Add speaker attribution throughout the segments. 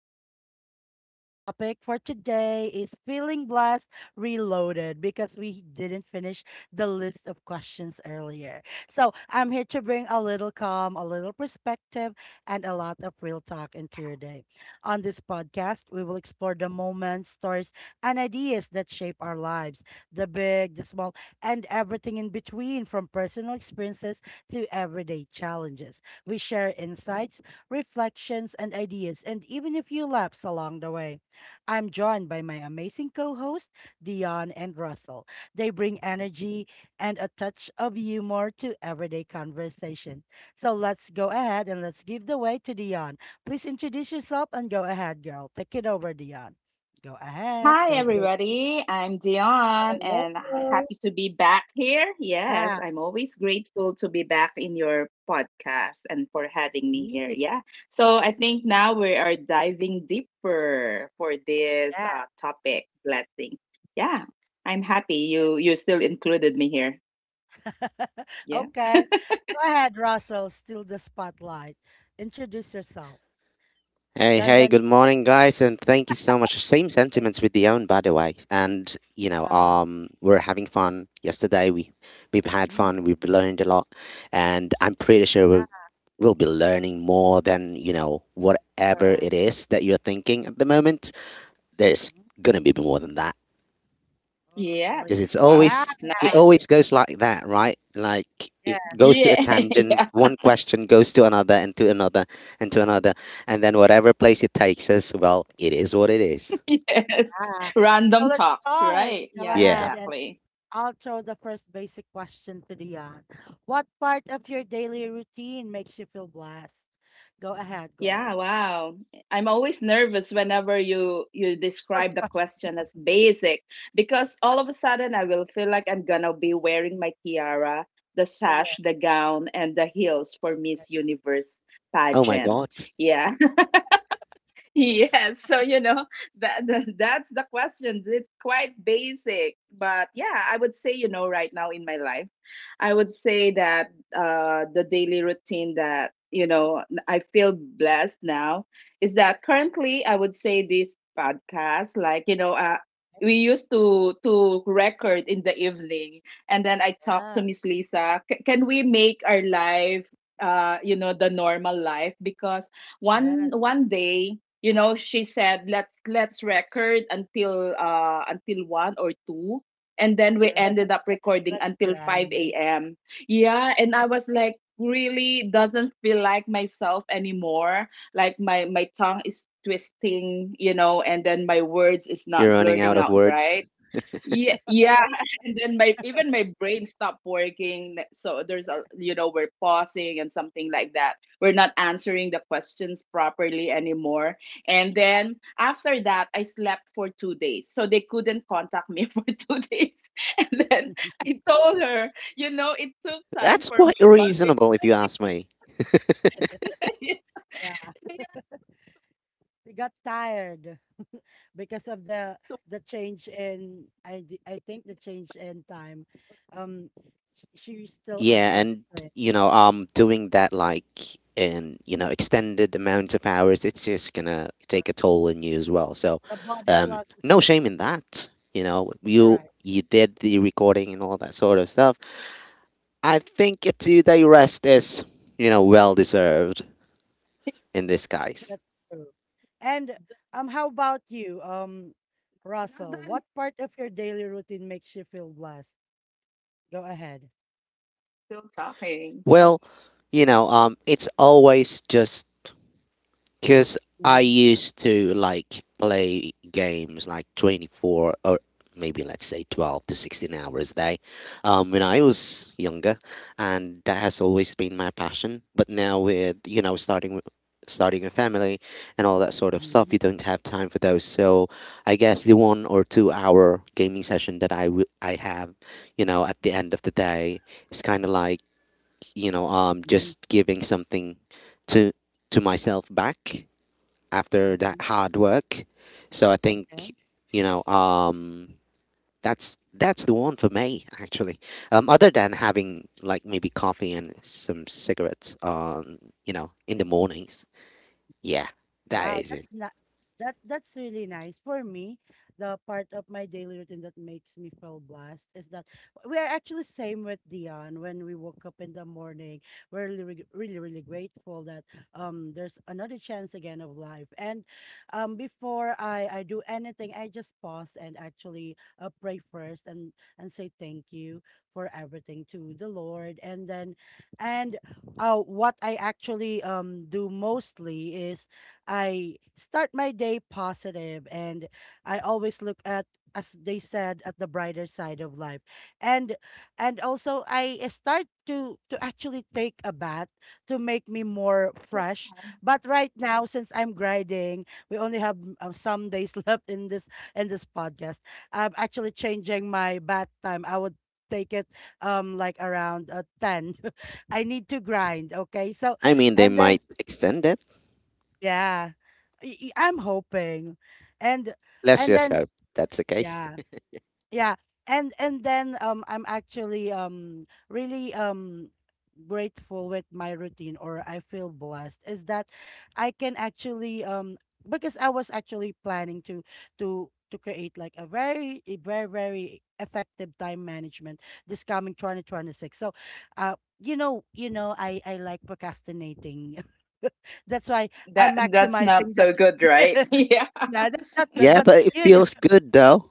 Speaker 1: with Lisa. Our topic for today is Feeling Blessed Reloaded because we didn't finish the list of questions earlier. So I'm here to bring a little calm, a little perspective, and a lot of real talk into your day. On this podcast, we will explore the moments, stories, and ideas that shape our lives, the big, the small, and everything in between, from personal experiences to everyday challenges. We share insights, reflections, and ideas, and even a few laughs along the way. I'm joined by my amazing co hosts, Dion and Russell. They bring energy and a touch of humor to everyday conversation. So let's go ahead and let's give the way to Dion. Please introduce yourself and go ahead, girl. Take it over, Dion. Go ahead.
Speaker 2: Hi,
Speaker 1: Go.
Speaker 2: everybody. I'm Dion
Speaker 1: Hello.
Speaker 2: and happy to be back here. Yes,
Speaker 1: Ah,
Speaker 2: I'm always grateful to be back in your podcast and for having me here.
Speaker 1: yeah.
Speaker 2: Yeah. So I think now we are diving deeper for this topic, blessing. Yeah, I'm happy
Speaker 1: yeah.
Speaker 2: you still included me here. Yeah.
Speaker 1: Okay. Go ahead, Russell. Steal the spotlight. Introduce yourself.
Speaker 3: Hey,
Speaker 1: Dun
Speaker 3: hey,
Speaker 1: dun.
Speaker 3: good morning, guys, and thank you so much. Same
Speaker 1: Okay.
Speaker 3: sentiments with the own, by the way. And,
Speaker 1: Ah,
Speaker 3: we're having fun. Yesterday, we've had
Speaker 1: mm,
Speaker 3: fun, we've learned a lot, and I'm pretty sure
Speaker 1: yeah,
Speaker 3: we'll be learning more than, whatever
Speaker 1: correct.
Speaker 3: it is that you're thinking at the moment. There's
Speaker 1: hmm
Speaker 3: gonna be more than that.
Speaker 1: Oh,
Speaker 2: Yeah.
Speaker 1: really?
Speaker 3: Because
Speaker 2: Wow.
Speaker 1: Yeah,
Speaker 3: it
Speaker 1: yeah,
Speaker 2: Nice.
Speaker 3: always goes like that, right? Like it goes to a
Speaker 2: Yeah.
Speaker 3: tangent,
Speaker 2: yeah.
Speaker 3: one question goes to another and to another and to another, and then whatever place it takes us, well, it is what it is.
Speaker 2: Yes.
Speaker 1: yeah. So
Speaker 2: Random
Speaker 1: let's
Speaker 2: talks,
Speaker 1: start.
Speaker 2: right?
Speaker 1: Go
Speaker 2: Yeah,
Speaker 3: Yeah.
Speaker 1: ahead, and
Speaker 2: exactly.
Speaker 1: I'll throw the first basic question to Dion. What part of your daily routine makes you feel blessed? Go ahead,
Speaker 2: Yeah,
Speaker 1: girl.
Speaker 2: wow. I'm always nervous whenever you
Speaker 1: First
Speaker 2: describe the
Speaker 1: question.
Speaker 2: question as basic because all of a sudden I will feel like I'm gonna be wearing my tiara, the
Speaker 1: Oh, yeah,
Speaker 2: sash, the gown, and the heels for Miss Universe
Speaker 3: Oh my
Speaker 1: yeah,
Speaker 2: pageant.
Speaker 3: god,
Speaker 2: Yeah. Yes, so you know that's the question. It's quite basic, but yeah, I would say you know right now in my life, I would say that the daily routine that you know I feel blessed now is that currently I would say this podcast, like you know, we used to record in the evening, and then I talked to
Speaker 1: yeah.
Speaker 2: Miss Lisa. Can we make our life, you know, the normal life, because one
Speaker 1: Yes,
Speaker 2: one day, you know, she said let's record until 1 or 2, and then we
Speaker 1: correct.
Speaker 2: ended up recording
Speaker 1: Let's
Speaker 2: until
Speaker 1: grind.
Speaker 2: 5 a.m. Yeah, and I was like, really doesn't feel like myself anymore. Like, my tongue is twisting, you know, and then my words is
Speaker 3: you're
Speaker 2: not
Speaker 3: running
Speaker 2: blurting
Speaker 3: out of
Speaker 2: out right.
Speaker 3: words.
Speaker 2: Yeah, yeah, and then my, even my brain stopped working. So there's a, you know, we're pausing and something like that. We're not answering the questions properly anymore. And then after that, I slept for 2 days, so they couldn't contact me for 2 days. And then I told her, you know, it took time
Speaker 3: That's
Speaker 2: for
Speaker 3: quite
Speaker 2: my body.
Speaker 3: reasonable if you ask me.
Speaker 1: Yeah, we got tired because of the change in I think the change in time. Um, she's still
Speaker 3: Yeah, and
Speaker 1: adjusting.
Speaker 3: doing that like in extended amounts of hours, it's just gonna take a
Speaker 1: Correct.
Speaker 3: toll on you as well. So,
Speaker 1: The body clock is
Speaker 3: no shame in
Speaker 1: just
Speaker 3: that. You know,
Speaker 1: correct.
Speaker 3: you did the recording and all that sort of stuff. I think a 2-day rest is well deserved in this case.
Speaker 1: That's true. And how about you,
Speaker 2: I'm
Speaker 1: Russell?
Speaker 2: not
Speaker 1: What
Speaker 2: done yet,
Speaker 1: part of your daily routine makes you feel blessed? Go ahead.
Speaker 2: still talking.
Speaker 1: Mhm,
Speaker 3: Well, it's always just. Because I
Speaker 1: mhm,
Speaker 3: used to like play games like 24, or maybe let's say 12 to 16 hours a day when I was younger. And that has always been my passion. But now with, starting a family and all that sort of stuff, you
Speaker 1: mhm,
Speaker 3: don't have time for those, so I guess the 1 or 2 hour gaming session that I have at the end of the day is kind of like
Speaker 1: mhm,
Speaker 3: just giving something to myself back after that
Speaker 1: mhm.
Speaker 3: hard work. So I think,
Speaker 1: Okay,
Speaker 3: you know um, that's the one for me, actually. Other than having, like, maybe coffee and some cigarettes on, in the
Speaker 1: okay.
Speaker 3: mornings. Yeah, that
Speaker 1: Wow,
Speaker 3: is it.
Speaker 1: that's not that's really nice. For me, the part of my daily routine that makes me feel blessed is that we are actually same with Dion when we woke up in the morning. We're really really really really grateful that there's another chance again of life. And before I do anything, I just pause and actually pray first and say thank you for everything to the Lord. And what I actually do mostly is I start my day positive, and I always look at, as they said, at the brighter side of life. And and also I start to actually take a bath to make me more fresh. But right now, since I'm grinding, we only have some days left in this podcast. I'm actually changing my bath time. I would take it like around 10 I need to grind, okay, so
Speaker 3: I mean, they
Speaker 1: and then
Speaker 3: might extend it.
Speaker 1: yeah. Y y I'm hoping. And
Speaker 3: Let's
Speaker 1: and
Speaker 3: just
Speaker 1: then
Speaker 3: hope that's the case.
Speaker 1: yeah. Yeah. And then I'm actually really grateful with my routine, or I feel blessed is that I can actually because I was actually planning to to create like a very very effective time management this coming 2026. So you know I like procrastinating. That's why
Speaker 2: That
Speaker 1: I'm
Speaker 2: that's not
Speaker 1: maximizing the
Speaker 2: so good, right? Yeah.
Speaker 1: Yeah, that's not good,
Speaker 3: Yeah,
Speaker 1: but
Speaker 3: but it
Speaker 1: you
Speaker 3: feels good though.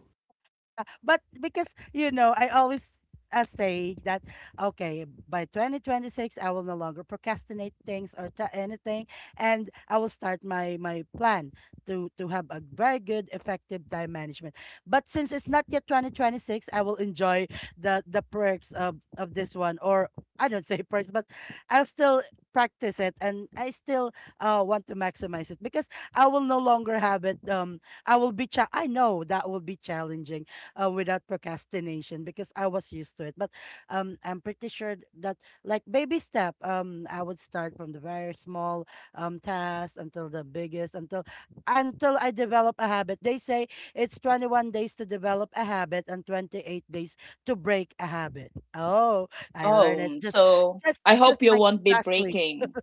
Speaker 1: but because you know I always say that okay, by 2026 I will no longer procrastinate things or ta anything, and I will start my plan to have a very good effective time management. But since it's not yet 2026, I will enjoy the perks of this one, or I don't say perks, but I'll still practice it, and I still want to maximize it because I will no longer have it. I know that will be challenging without procrastination because I was used to it. But I'm pretty sure that like baby step, I would start from the very small task until the biggest, until I develop a habit. They say it's 21 days to develop a habit and 28 days to break a habit. Oh, I learned it
Speaker 2: Oh, so I
Speaker 1: just
Speaker 2: hope you
Speaker 1: like
Speaker 2: won't be
Speaker 1: last week.
Speaker 2: breaking.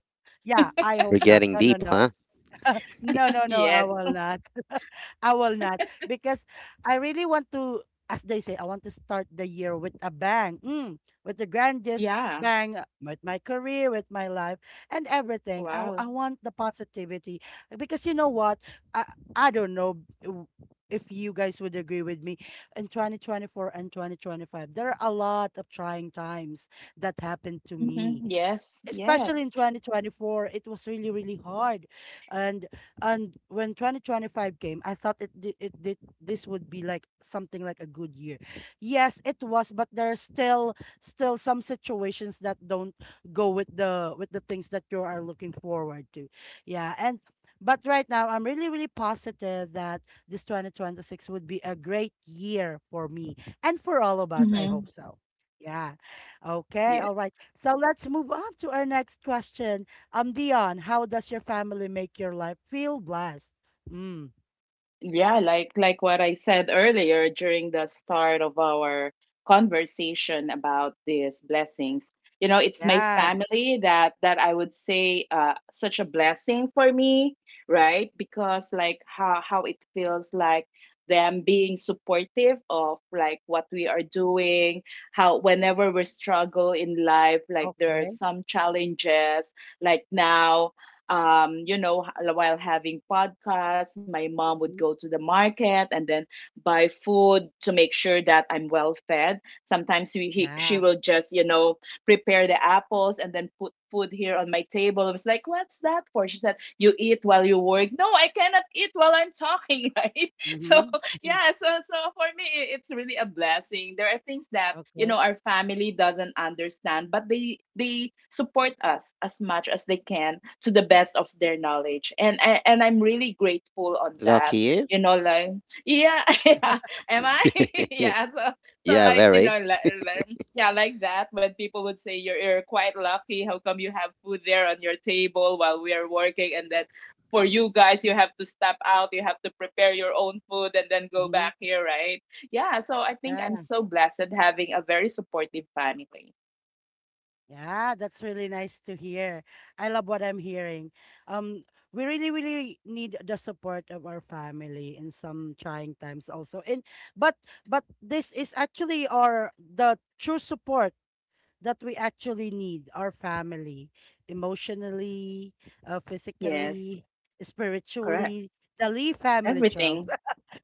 Speaker 1: Yeah, I
Speaker 3: We're
Speaker 1: hope not.
Speaker 3: getting
Speaker 1: No, no,
Speaker 3: deep,
Speaker 1: no.
Speaker 3: huh?
Speaker 1: No, I
Speaker 2: Yes.
Speaker 1: will not. I will not because I really want to, as they say, I want to start the year with a bang, with the grandest
Speaker 2: Yeah.
Speaker 1: bang, with my career, with my life, and everything. I
Speaker 2: Wow.
Speaker 1: I want the positivity because you know what? I, I don't know if you guys would agree with me. In 2024 and 2025, there are a lot of trying times that happened to me,
Speaker 2: Hmm. Yes.
Speaker 1: especially in
Speaker 2: Yes.
Speaker 1: 2024. It was really really hard, and and when 2025 came, I thought it did, this would be like something like a good year. Yes, it was, but there are still some situations that don't go with the things that you are looking forward to, yeah. And but right now I'm really really positive that this 2026 would be a great year for me and for all of us, I
Speaker 2: Hmm.
Speaker 1: hope so. Yeah. Okay,
Speaker 2: Yeah.
Speaker 1: all right. So let's move on to our next question. Dion, how does your family make your life feel blessed? Mm,
Speaker 2: Yeah, like what I said earlier during the start of our conversation about these blessings. You know, it's my
Speaker 1: yes.
Speaker 2: family that I would say such a blessing for me, right? Because like how it feels like them being supportive of like what we are doing, how whenever we struggle in life, like there are
Speaker 1: Okay.
Speaker 2: some challenges, like now, you know, while having podcasts, my mom would
Speaker 1: mhm,
Speaker 2: go to the market and then buy food to make sure that I'm well fed. Sometimes she
Speaker 1: Yeah.
Speaker 2: will just, you know, prepare the apples and then put food here on my table. I was like, what's that for? She said, you eat while you work. No, I cannot eat while I'm talking, right? So
Speaker 1: Mm-hmm.
Speaker 2: yeah, so for me, it's really a blessing. There are things that, you know,
Speaker 1: Okay.
Speaker 2: our family doesn't understand, but they support us as much as they can to the best of their knowledge, and and I'm really grateful on that,
Speaker 3: Lucky you.
Speaker 2: you know. Like yeah. Yeah. Am I? Yeah. So
Speaker 3: Yeah,
Speaker 2: like, you
Speaker 3: very.
Speaker 2: know, yeah, like that, when people would say, you're, quite lucky, how come you have food there on your table while we are working, and then for you guys you have to step out, you have to prepare your own food and then go
Speaker 1: Mm-hmm.
Speaker 2: back here, right? Yeah, so I think I'm
Speaker 1: Yeah.
Speaker 2: so blessed having a very supportive family.
Speaker 1: Yeah. That's really nice to hear. I love what I'm hearing. Um, we really, really need the support of our family in some trying times also. And but but this is actually our the true support that we actually need, our family, emotionally,
Speaker 2: Yes,
Speaker 1: physically,
Speaker 2: correct.
Speaker 1: spiritually. The Lee family, Charles.
Speaker 2: Everything.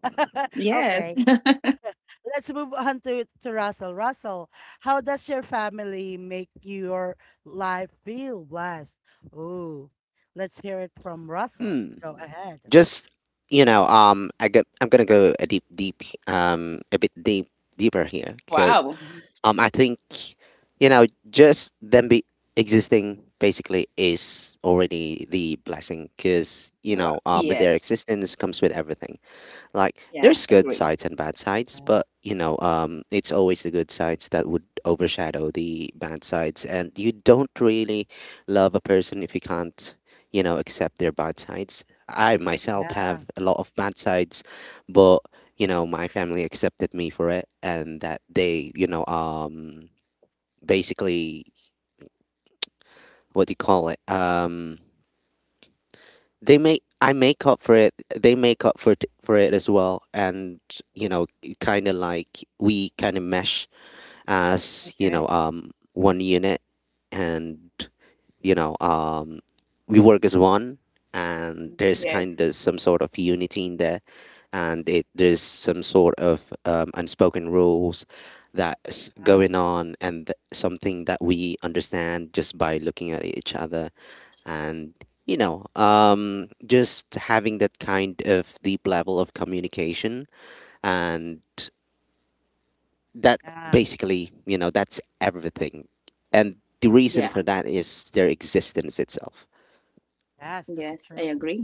Speaker 2: Yes.
Speaker 1: Okay, let's move on to Russell. Russell, how does your family make your life feel blessed? Ooh, let's hear it from Russell.
Speaker 3: Hmm.
Speaker 1: Go ahead.
Speaker 3: Just, you know I get. I'm gonna go a deep deep a bit deeper here, because
Speaker 2: Wow.
Speaker 1: Mhm.
Speaker 3: I think, you know just them be existing basically is already the blessing, because
Speaker 2: Wow.
Speaker 3: with their
Speaker 2: Yes.
Speaker 3: existence comes with everything. Like,
Speaker 2: Yeah,
Speaker 3: there's good
Speaker 2: agree.
Speaker 3: sides and bad sides,
Speaker 1: Uh,
Speaker 3: but, it's always the good sides that would overshadow the bad sides, and you don't really love a person if you can't, accept their bad sides. I myself
Speaker 1: yeah,
Speaker 3: have a lot of bad sides, but, my family accepted me for it, and that they, basically, what do you call it? They make I make up for it. They make up for it as well, and, you know, kind of like, we kind of mesh as,
Speaker 1: okay.
Speaker 3: one unit, and, you know, um, we work as one, and
Speaker 1: Mhm.
Speaker 3: there's kind
Speaker 2: Yes.
Speaker 3: of some sort of unity in there, and there's some sort of unspoken rules that's
Speaker 1: Yeah,
Speaker 3: going on, and something that we understand just by looking at each other, and, just having that kind of deep level of communication, and that,
Speaker 1: yeah,
Speaker 3: basically, that's everything, and the
Speaker 2: Yeah.
Speaker 3: reason for that is their existence itself.
Speaker 1: yes, that's
Speaker 2: Yes, I
Speaker 1: true.
Speaker 2: agree.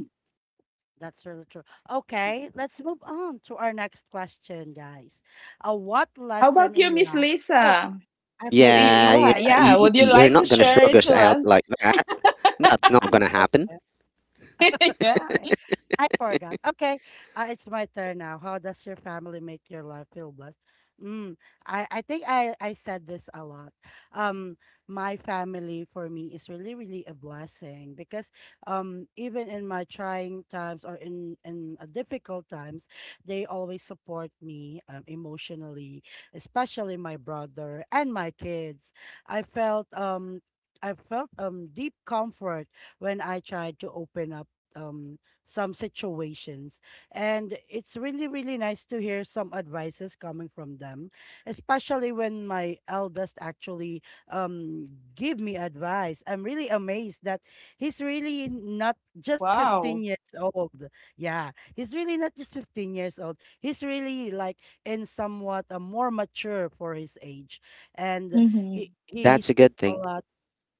Speaker 1: That's really true. Okay, let's move on to our next question, guys. What
Speaker 2: How
Speaker 1: lesson
Speaker 2: about you,
Speaker 1: in
Speaker 2: Miss
Speaker 1: life? Oh,
Speaker 2: Lisa?
Speaker 1: I
Speaker 2: you, you,
Speaker 1: forget.
Speaker 2: you
Speaker 3: Yeah, yeah.
Speaker 2: what?
Speaker 1: Okay.
Speaker 2: Yeah, would you
Speaker 3: You're
Speaker 2: like to
Speaker 3: not gonna
Speaker 2: share
Speaker 3: shrug
Speaker 2: it
Speaker 3: us
Speaker 2: to
Speaker 3: out
Speaker 2: us?
Speaker 3: like that. That's not gonna happen.
Speaker 1: Okay.
Speaker 2: Yeah.
Speaker 1: Okay. I forgot. Okay. It's my turn now. How does your family make your life feel blessed? Mm, I think I said this a lot. Um, my family for me is really, really a blessing because even in my trying times or in, difficult times, they always support me, emotionally, especially my brother and my kids. I felt um, I felt deep comfort when I tried to open up some situations. And it's really, really nice to hear some advices coming from them, especially when my eldest actually um, give me advice. I'm really amazed that he's really not just
Speaker 2: Wow.
Speaker 1: 15 years old. Yeah, he's really not just 15 years old. He's really like in somewhat a more mature for his age. And
Speaker 2: Hmm.
Speaker 1: he
Speaker 3: That's a
Speaker 1: speaks
Speaker 3: good
Speaker 1: a
Speaker 3: thing.
Speaker 1: lot,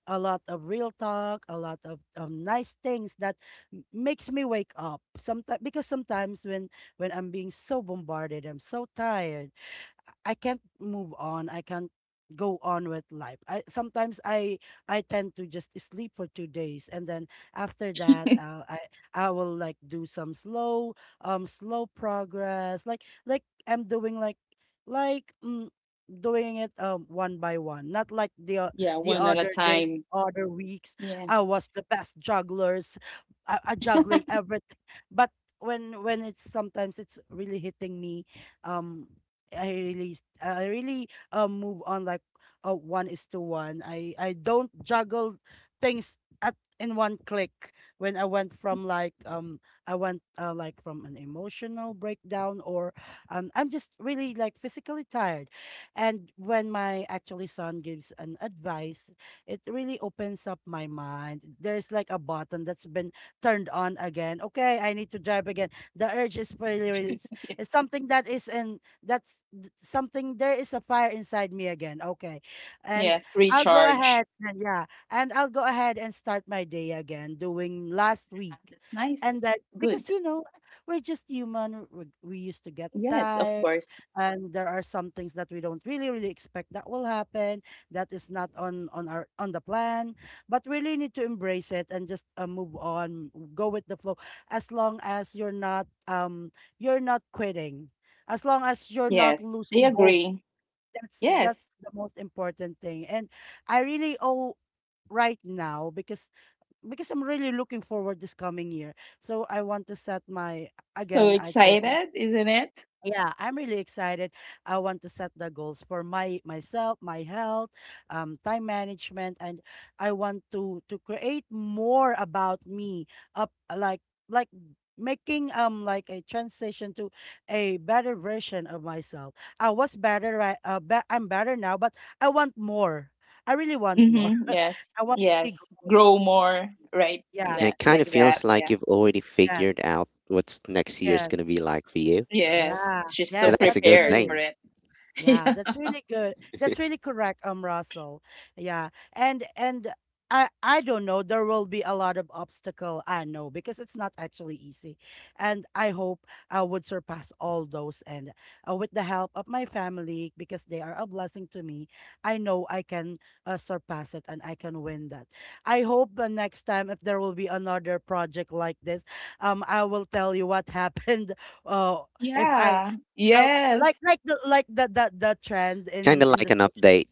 Speaker 1: a lot of real talk, a lot of nice things that makes me wake up. Sometimes because sometimes when I'm being so bombarded, I'm so tired. I can't move on. I can't go on with life. I sometimes I tend to just sleep for 2 days, and then after that, I will like do some slow slow progress, like I'm doing like doing it one by one, not like
Speaker 2: Yeah,
Speaker 1: the
Speaker 2: one at a
Speaker 1: other day,
Speaker 2: time.
Speaker 1: other weeks.
Speaker 2: Yeah.
Speaker 1: I was the best jugglers, I juggling everything, but when it's sometimes it's really hitting me, um. I really I really move on like one is to one. I don't juggle things at in one click when I went from like I went like from an emotional breakdown, or I'm just really like physically tired. And when my actually son gives an advice, it really opens up my mind. There's like a button that's been turned on again. Okay, I need to drive again. The urge is really really it's something that is in something, there is a fire inside me again, okay. And
Speaker 2: Yes,
Speaker 1: I'll go
Speaker 2: recharge.
Speaker 1: ahead, and yeah and I'll go ahead and start my day again doing last week.
Speaker 2: That's nice.
Speaker 1: And that because
Speaker 2: Good.
Speaker 1: you know we're just human, we used to get
Speaker 2: Yes, of
Speaker 1: tired,
Speaker 2: course.
Speaker 1: and there are some things that we don't really really expect that will happen, that is not on on our on the plan, but really need to embrace it and just move on, go with the flow, as long as you're not quitting, as long as you're not
Speaker 2: Yes, I
Speaker 1: losing hope.
Speaker 2: agree.
Speaker 1: That's
Speaker 2: Yes.
Speaker 1: the most important thing. And I really owe right now because I'm really looking forward this coming year, so I want to set my,
Speaker 2: So
Speaker 1: again I told you,
Speaker 2: excited, isn't it?
Speaker 1: yeah, I'm really excited. I want to set the goals for my myself, my health, time management, and I want to create more about me. Up like making like a transition to a better version of myself. I was better right. I'm better now, but I want more. I really want more.
Speaker 2: Mm-hmm. Yes.
Speaker 1: I want to see
Speaker 2: Yes.
Speaker 1: growth.
Speaker 2: Grow more, right?
Speaker 1: Yeah.
Speaker 3: And it kind of
Speaker 2: Like that.
Speaker 3: feels like
Speaker 2: Yeah.
Speaker 3: you've already
Speaker 1: Yes.
Speaker 3: figured out what's next year's
Speaker 1: Yes.
Speaker 3: gonna be like for you.
Speaker 2: Yes.
Speaker 1: Yeah.
Speaker 2: She's so
Speaker 3: And
Speaker 1: Yes.
Speaker 3: that's a
Speaker 1: That's
Speaker 3: good
Speaker 2: prepared
Speaker 1: true.
Speaker 2: for
Speaker 3: thing.
Speaker 2: it.
Speaker 1: Yeah, that's really good. That's really correct, Russell. Yeah, and I don't know. There will be a lot of obstacle. I know because it's not actually easy, and I hope I would surpass all those. And with the help of my family, because they are a blessing to me, I know I can surpass it and I can win that. I hope the next time if there will be another project like this, I will tell you what happened. Uh, if I
Speaker 2: Yeah.
Speaker 1: Oh,
Speaker 2: Yeah.
Speaker 1: like
Speaker 2: Yes.
Speaker 1: like the like the the the trend
Speaker 3: Kind
Speaker 1: in
Speaker 3: of
Speaker 1: in
Speaker 3: like
Speaker 1: the
Speaker 3: an
Speaker 1: social,
Speaker 3: update.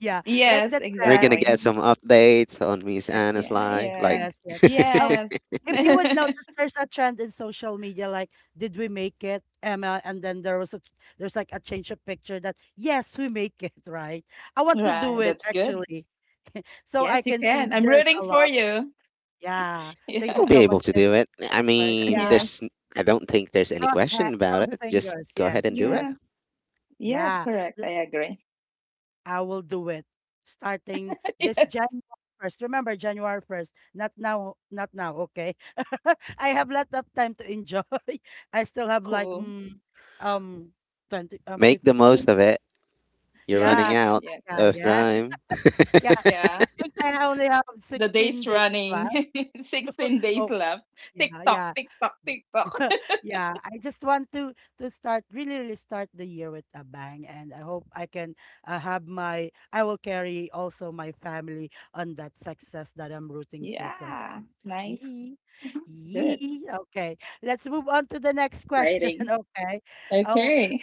Speaker 1: yeah, like
Speaker 2: Yes,
Speaker 1: the
Speaker 3: We're gonna
Speaker 1: trend
Speaker 3: get
Speaker 2: exactly.
Speaker 1: in
Speaker 3: some updates on Miss
Speaker 1: tech.
Speaker 3: Anna's
Speaker 2: Yeah,
Speaker 3: life. Like,
Speaker 2: yeah.
Speaker 1: Yes, yes. Um, if you would notice,
Speaker 2: Yes.
Speaker 1: there's a trend in social media like, did we make it, Emma? And then there's like a change of picture that yes, we make it, right? I want to do
Speaker 2: Right.
Speaker 1: it
Speaker 2: That's good.
Speaker 1: actually, so I
Speaker 2: Yes, you
Speaker 1: can see
Speaker 2: can. I'm
Speaker 1: there's
Speaker 2: rooting
Speaker 1: a
Speaker 2: for
Speaker 1: lot.
Speaker 2: you.
Speaker 1: Yeah, thank
Speaker 2: Yeah.
Speaker 1: you
Speaker 3: you'll be
Speaker 1: so
Speaker 3: able
Speaker 1: much,
Speaker 3: to
Speaker 1: yes,
Speaker 3: do it. I
Speaker 1: for it.
Speaker 3: mean,
Speaker 1: Yeah,
Speaker 2: Yes.
Speaker 3: I don't think there's any question about
Speaker 1: cross
Speaker 3: it. Just
Speaker 1: fingers.
Speaker 3: go ahead
Speaker 1: Yes,
Speaker 3: and do it.
Speaker 1: true.
Speaker 2: Yeah. Yeah,
Speaker 1: Yeah,
Speaker 2: correct. I agree.
Speaker 1: I will do it starting this
Speaker 2: Yeah,
Speaker 1: January 1st. Remember, January 1st, not now, not now, okay? I have lot of time to enjoy. I still have like
Speaker 2: cool.
Speaker 1: um 20
Speaker 3: Make the
Speaker 1: 15.
Speaker 3: most of it. You're
Speaker 1: Yeah,
Speaker 3: running out
Speaker 2: Yeah,
Speaker 1: yeah,
Speaker 3: of
Speaker 1: yeah.
Speaker 3: time.
Speaker 1: Yeah,
Speaker 2: yeah.
Speaker 1: I think I only have
Speaker 2: The
Speaker 1: 16
Speaker 2: day's
Speaker 1: days
Speaker 2: running.
Speaker 1: left.
Speaker 2: 16 days
Speaker 1: Oh,
Speaker 2: left. Tick
Speaker 1: yeah,
Speaker 2: tock,
Speaker 1: yeah.
Speaker 2: tick tock, tick tock.
Speaker 1: Yeah, I just want to start really, really start the year with a bang, and I hope I can have my. I will carry also my family on that success that I'm rooting for
Speaker 2: Yeah,
Speaker 1: them.
Speaker 2: nice.
Speaker 1: Yee,
Speaker 2: Mhm. Good.
Speaker 1: yee. Okay, let's move on to the next question.
Speaker 2: Exciting.
Speaker 1: Okay, oh,
Speaker 2: Okay.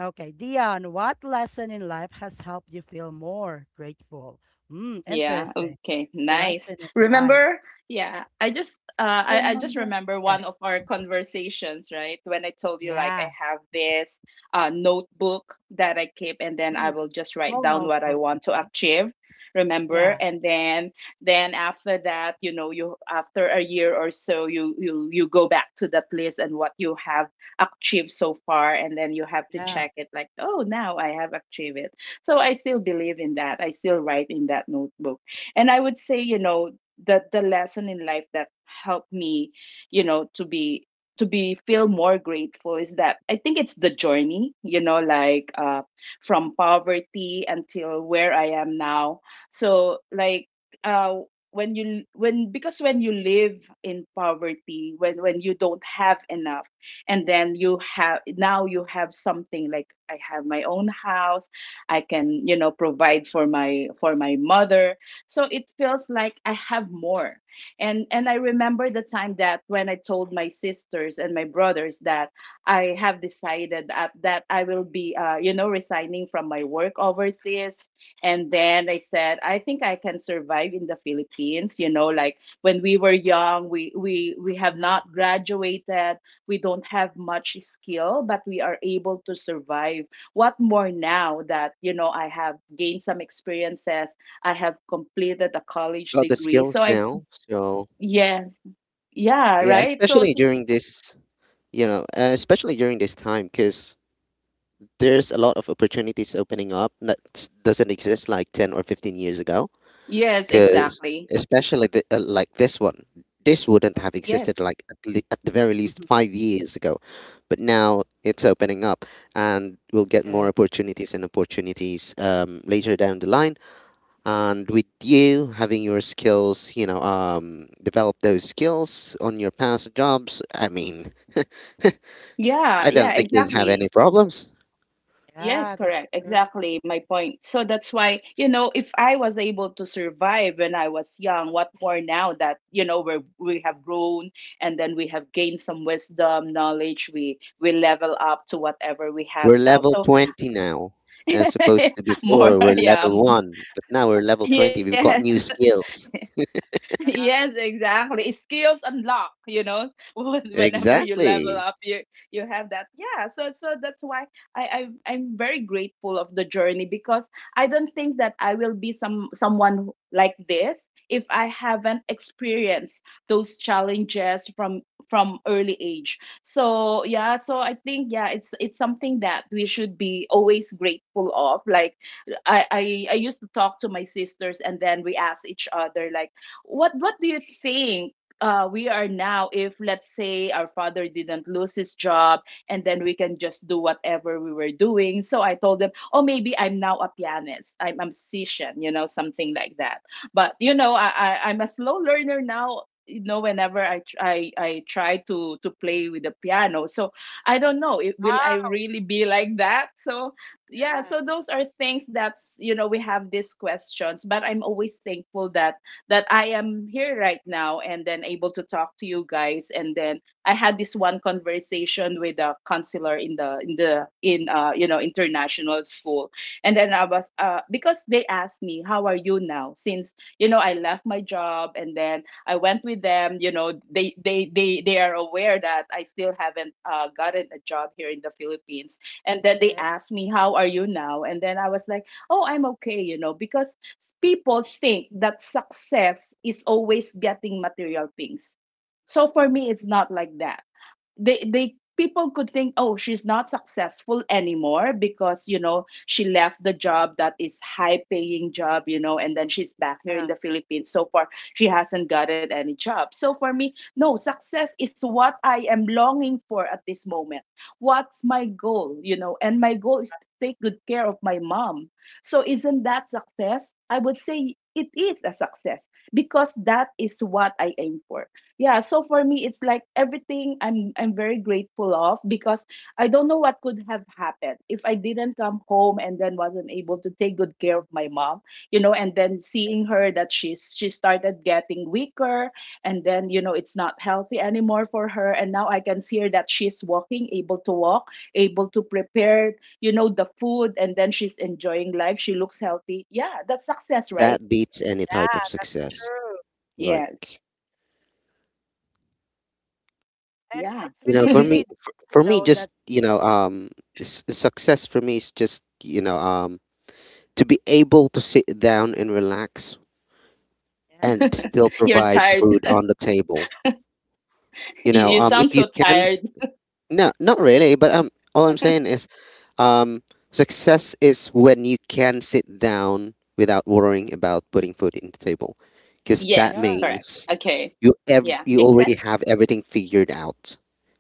Speaker 1: okay, Dion, what lesson in life has helped you feel more grateful? Hmm,
Speaker 2: Yeah,
Speaker 1: interesting.
Speaker 2: okay, nice.
Speaker 1: Lesson in life.
Speaker 2: Remember, yeah, I just I just
Speaker 1: Remember.
Speaker 2: remember
Speaker 1: Okay.
Speaker 2: one of our conversations, right? When I told you, like, I
Speaker 1: Yeah.
Speaker 2: have this notebook that I keep, and then I
Speaker 1: Mm.
Speaker 2: will just write
Speaker 1: Small
Speaker 2: down what I
Speaker 1: notebook.
Speaker 2: want to
Speaker 1: Okay.
Speaker 2: achieve. Remember?
Speaker 1: Yeah,
Speaker 2: And then after that, you know, you after a year or so, you go back to that list and what you have achieved so far, and then you have to
Speaker 1: yeah.
Speaker 2: check it, like, oh now I have achieved it. So I still believe in that. I still write in that notebook. And I would say, you know, that the lesson in life that helped me, you know, to be feel more grateful is that I think it's the journey, you know, like from poverty until where I am now. So like, uh when you, when because when you live in poverty, when you don't have enough, and then you have, now you have something like, I have my own house. I can, you know, provide for my mother. So it feels like I have more. And I remember the time that, when I told my sisters and my brothers that I have decided that I will be, you know, resigning from my work overseas. And then I said, I think I can survive in the Philippines. You know, like when we were young, we have not graduated, we don't have much skill, but we are able to survive. What more now that, you know, I have gained some experiences, I have completed a college
Speaker 3: Got the
Speaker 2: degree, so
Speaker 3: skills
Speaker 2: I.
Speaker 3: now, so.
Speaker 2: Yes. Yeah,
Speaker 3: Yeah,
Speaker 2: right. So,
Speaker 3: especially during this time, because there's a lot of opportunities opening up that doesn't exist like 10 or 15 years ago.
Speaker 2: yes,
Speaker 3: Because,
Speaker 2: exactly.
Speaker 3: especially like this one, this wouldn't have
Speaker 1: Okay.
Speaker 2: Yes.
Speaker 3: existed like at the very least 5 years ago. But now it's opening up, and we'll get more
Speaker 1: Okay.
Speaker 3: opportunities and opportunities later down the line. And with you having your skills, develop those skills on your past jobs, I mean.
Speaker 2: Yeah,
Speaker 3: I don't
Speaker 2: yeah,
Speaker 3: think you'll have
Speaker 2: exactly.
Speaker 3: any problems.
Speaker 2: Yes,
Speaker 1: Yeah, that's
Speaker 2: correct,
Speaker 1: true.
Speaker 2: exactly my point. So that's why, you know, if I was able to survive when I was young, what more now that, you know, we have grown, and then we have gained some wisdom, knowledge. We level up to whatever we have
Speaker 3: We're
Speaker 2: now.
Speaker 3: level
Speaker 2: So
Speaker 3: 20 now, as opposed to before,
Speaker 2: more,
Speaker 3: we're
Speaker 2: yeah.
Speaker 3: level 1, but now we're level 20. We've got
Speaker 2: Yes.
Speaker 3: new skills.
Speaker 2: Yes,
Speaker 1: Yeah.
Speaker 2: exactly. It's skills unlock, you know, whenever you level
Speaker 3: Exactly.
Speaker 2: up, you have that. Yeah, so that's why I'm very grateful of the journey, because I don't think that I will be someone like this if I haven't experienced those challenges from early age. So yeah, so I think, yeah, it's something that we should be always grateful of. Like I, I I used to talk to my sisters, and then we ask each other, like, what do you think we are now if, let's say, our father didn't lose his job, and then we can just do whatever we were doing. So I told them, oh, maybe I'm now a pianist. I'm a musician, you know, something like that. But you know, I'm a slow learner now. You know, whenever I tr- I try to play with the piano, so I don't know, will I
Speaker 1: Wow.
Speaker 2: really be like that? So yeah,
Speaker 1: Yeah.
Speaker 2: so those are things that's you know, we have these questions, but I'm always thankful that I am here right now, and then able to talk to you guys. And then I had this one conversation with a counselor in the in the in you know international school. And then I was because they asked me, how are you now? Since, you know, I left my job and then I went with them. You know, they are aware that I still haven't gotten a job here in the Philippines. And then they
Speaker 1: Okay.
Speaker 2: asked me, how are you now? And then I was like, oh, I'm okay, you know, because people think that success is always getting material things. So for me, it's not like that, they people could think, oh, she's not successful anymore because you know she left the job that is high paying job, you know, and then she's back here in
Speaker 1: Yeah.
Speaker 2: the Philippines. So far she hasn't gotten any job. So for me, no, success is what I am longing for at this moment. What's my goal, you know? And my goal is to take good care of my mom. So isn't that success? I would say it is a success because that is what I aim for. Yeah, so for me it's like everything I'm very grateful of, because I don't know what could have happened if I didn't come home and then wasn't able to take good care of my mom. You know, and then seeing her that she started getting weaker, and then you know it's not healthy anymore for her. And now I can see her that she's walking, able to walk, able to prepare, you know, the food, and then she's enjoying life. She looks healthy. Yeah, that's success, right?
Speaker 3: That beats any type of
Speaker 1: Yeah.
Speaker 3: success.
Speaker 1: True.
Speaker 2: Yes.
Speaker 3: Like,
Speaker 1: And
Speaker 2: Yeah.
Speaker 1: it's really, really nice to
Speaker 3: for me,
Speaker 1: know that.
Speaker 3: just, success for me is just, to be able to sit down and relax
Speaker 1: Yeah.
Speaker 3: and
Speaker 1: True.
Speaker 3: still
Speaker 2: Your
Speaker 3: provide
Speaker 2: child.
Speaker 3: food on the table. You
Speaker 1: Yeah.
Speaker 2: You
Speaker 3: know,
Speaker 1: That's.
Speaker 2: sound
Speaker 3: if
Speaker 2: so
Speaker 3: you can
Speaker 2: tired.
Speaker 3: s- no, not really. But, all I'm saying is, um, success is when you can sit down without worrying about putting food in the table, because that
Speaker 2: Yes,
Speaker 1: Yeah.
Speaker 2: correct.
Speaker 3: means
Speaker 2: Okay. Yeah,
Speaker 3: you
Speaker 2: makes
Speaker 3: already
Speaker 2: sense.
Speaker 3: have everything figured out.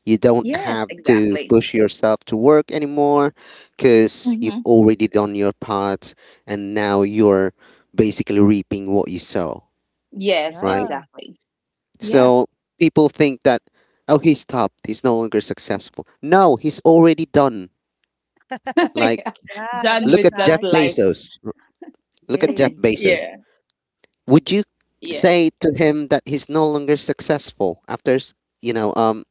Speaker 3: You don't
Speaker 1: Yeah.
Speaker 2: Yes,
Speaker 3: have to
Speaker 2: exactly.
Speaker 3: push yourself to work anymore, because you've
Speaker 2: Hmm.
Speaker 3: already done your part, and now you're basically reaping what you sow,
Speaker 2: Yes,
Speaker 3: right?
Speaker 1: Yeah.
Speaker 2: exactly. Yeah.
Speaker 3: So people think that, oh, he stopped. He's no longer successful. No, he's already done. Like,
Speaker 2: Yeah.
Speaker 1: Yeah.
Speaker 2: Done
Speaker 1: That's
Speaker 3: look at
Speaker 2: with that
Speaker 3: Jeff
Speaker 1: nice.
Speaker 2: life.
Speaker 3: Bezos. Look at Jeff
Speaker 1: Yay.
Speaker 3: Bezos.
Speaker 2: Yeah.
Speaker 3: Would you
Speaker 2: Yes.
Speaker 3: say to him that he's no longer successful after, you know, um,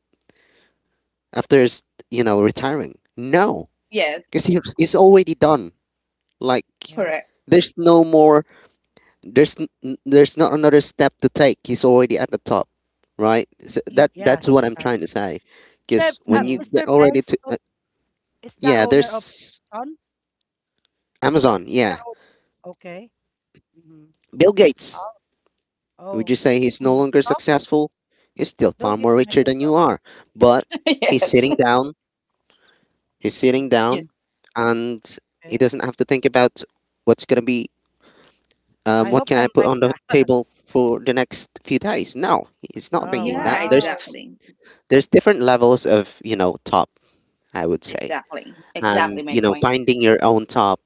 Speaker 3: after, s- retiring? No,
Speaker 2: Yes,
Speaker 3: because
Speaker 1: Okay.
Speaker 3: he's already done. Like,
Speaker 1: Yeah.
Speaker 2: correct.
Speaker 3: there's no more. There's not another step to take. He's already at the top, right? So that's
Speaker 1: Yes.
Speaker 3: what I'm
Speaker 1: Correct.
Speaker 3: trying to say,
Speaker 1: Chef,
Speaker 3: because when you
Speaker 2: Mm-hmm.
Speaker 1: Mr.
Speaker 3: get already
Speaker 1: Bass,
Speaker 3: to.
Speaker 1: oh, is the
Speaker 3: Yeah,
Speaker 1: owner of
Speaker 3: there's
Speaker 1: Amazon.
Speaker 3: Amazon.
Speaker 1: Is the
Speaker 3: Yeah.
Speaker 1: owner? Okay. Mm-hmm.
Speaker 3: Bill Gates.
Speaker 1: Oh.
Speaker 3: Would
Speaker 1: Oh.
Speaker 3: you say he's no longer
Speaker 1: Oh.
Speaker 3: successful? He's still
Speaker 1: Bill
Speaker 3: far more
Speaker 1: Gates,
Speaker 3: richer than you
Speaker 1: Microsoft.
Speaker 3: are. But he's
Speaker 2: Yes.
Speaker 3: sitting down. He's sitting
Speaker 1: Mm-hmm.
Speaker 3: down,
Speaker 2: Yes.
Speaker 3: and he
Speaker 1: Okay.
Speaker 3: doesn't have to think about what's going to be,
Speaker 1: I
Speaker 3: what
Speaker 1: hope
Speaker 3: can I
Speaker 1: I'm
Speaker 3: put
Speaker 1: like
Speaker 3: on the
Speaker 1: that.
Speaker 3: table for the next few days. No, he's not
Speaker 1: Oh,
Speaker 3: thinking that.
Speaker 2: Yeah,
Speaker 1: wow.
Speaker 2: exactly.
Speaker 3: There's different levels of, top, I would say.
Speaker 2: Exactly.
Speaker 3: And,
Speaker 2: Exactly my point.
Speaker 3: finding your own top,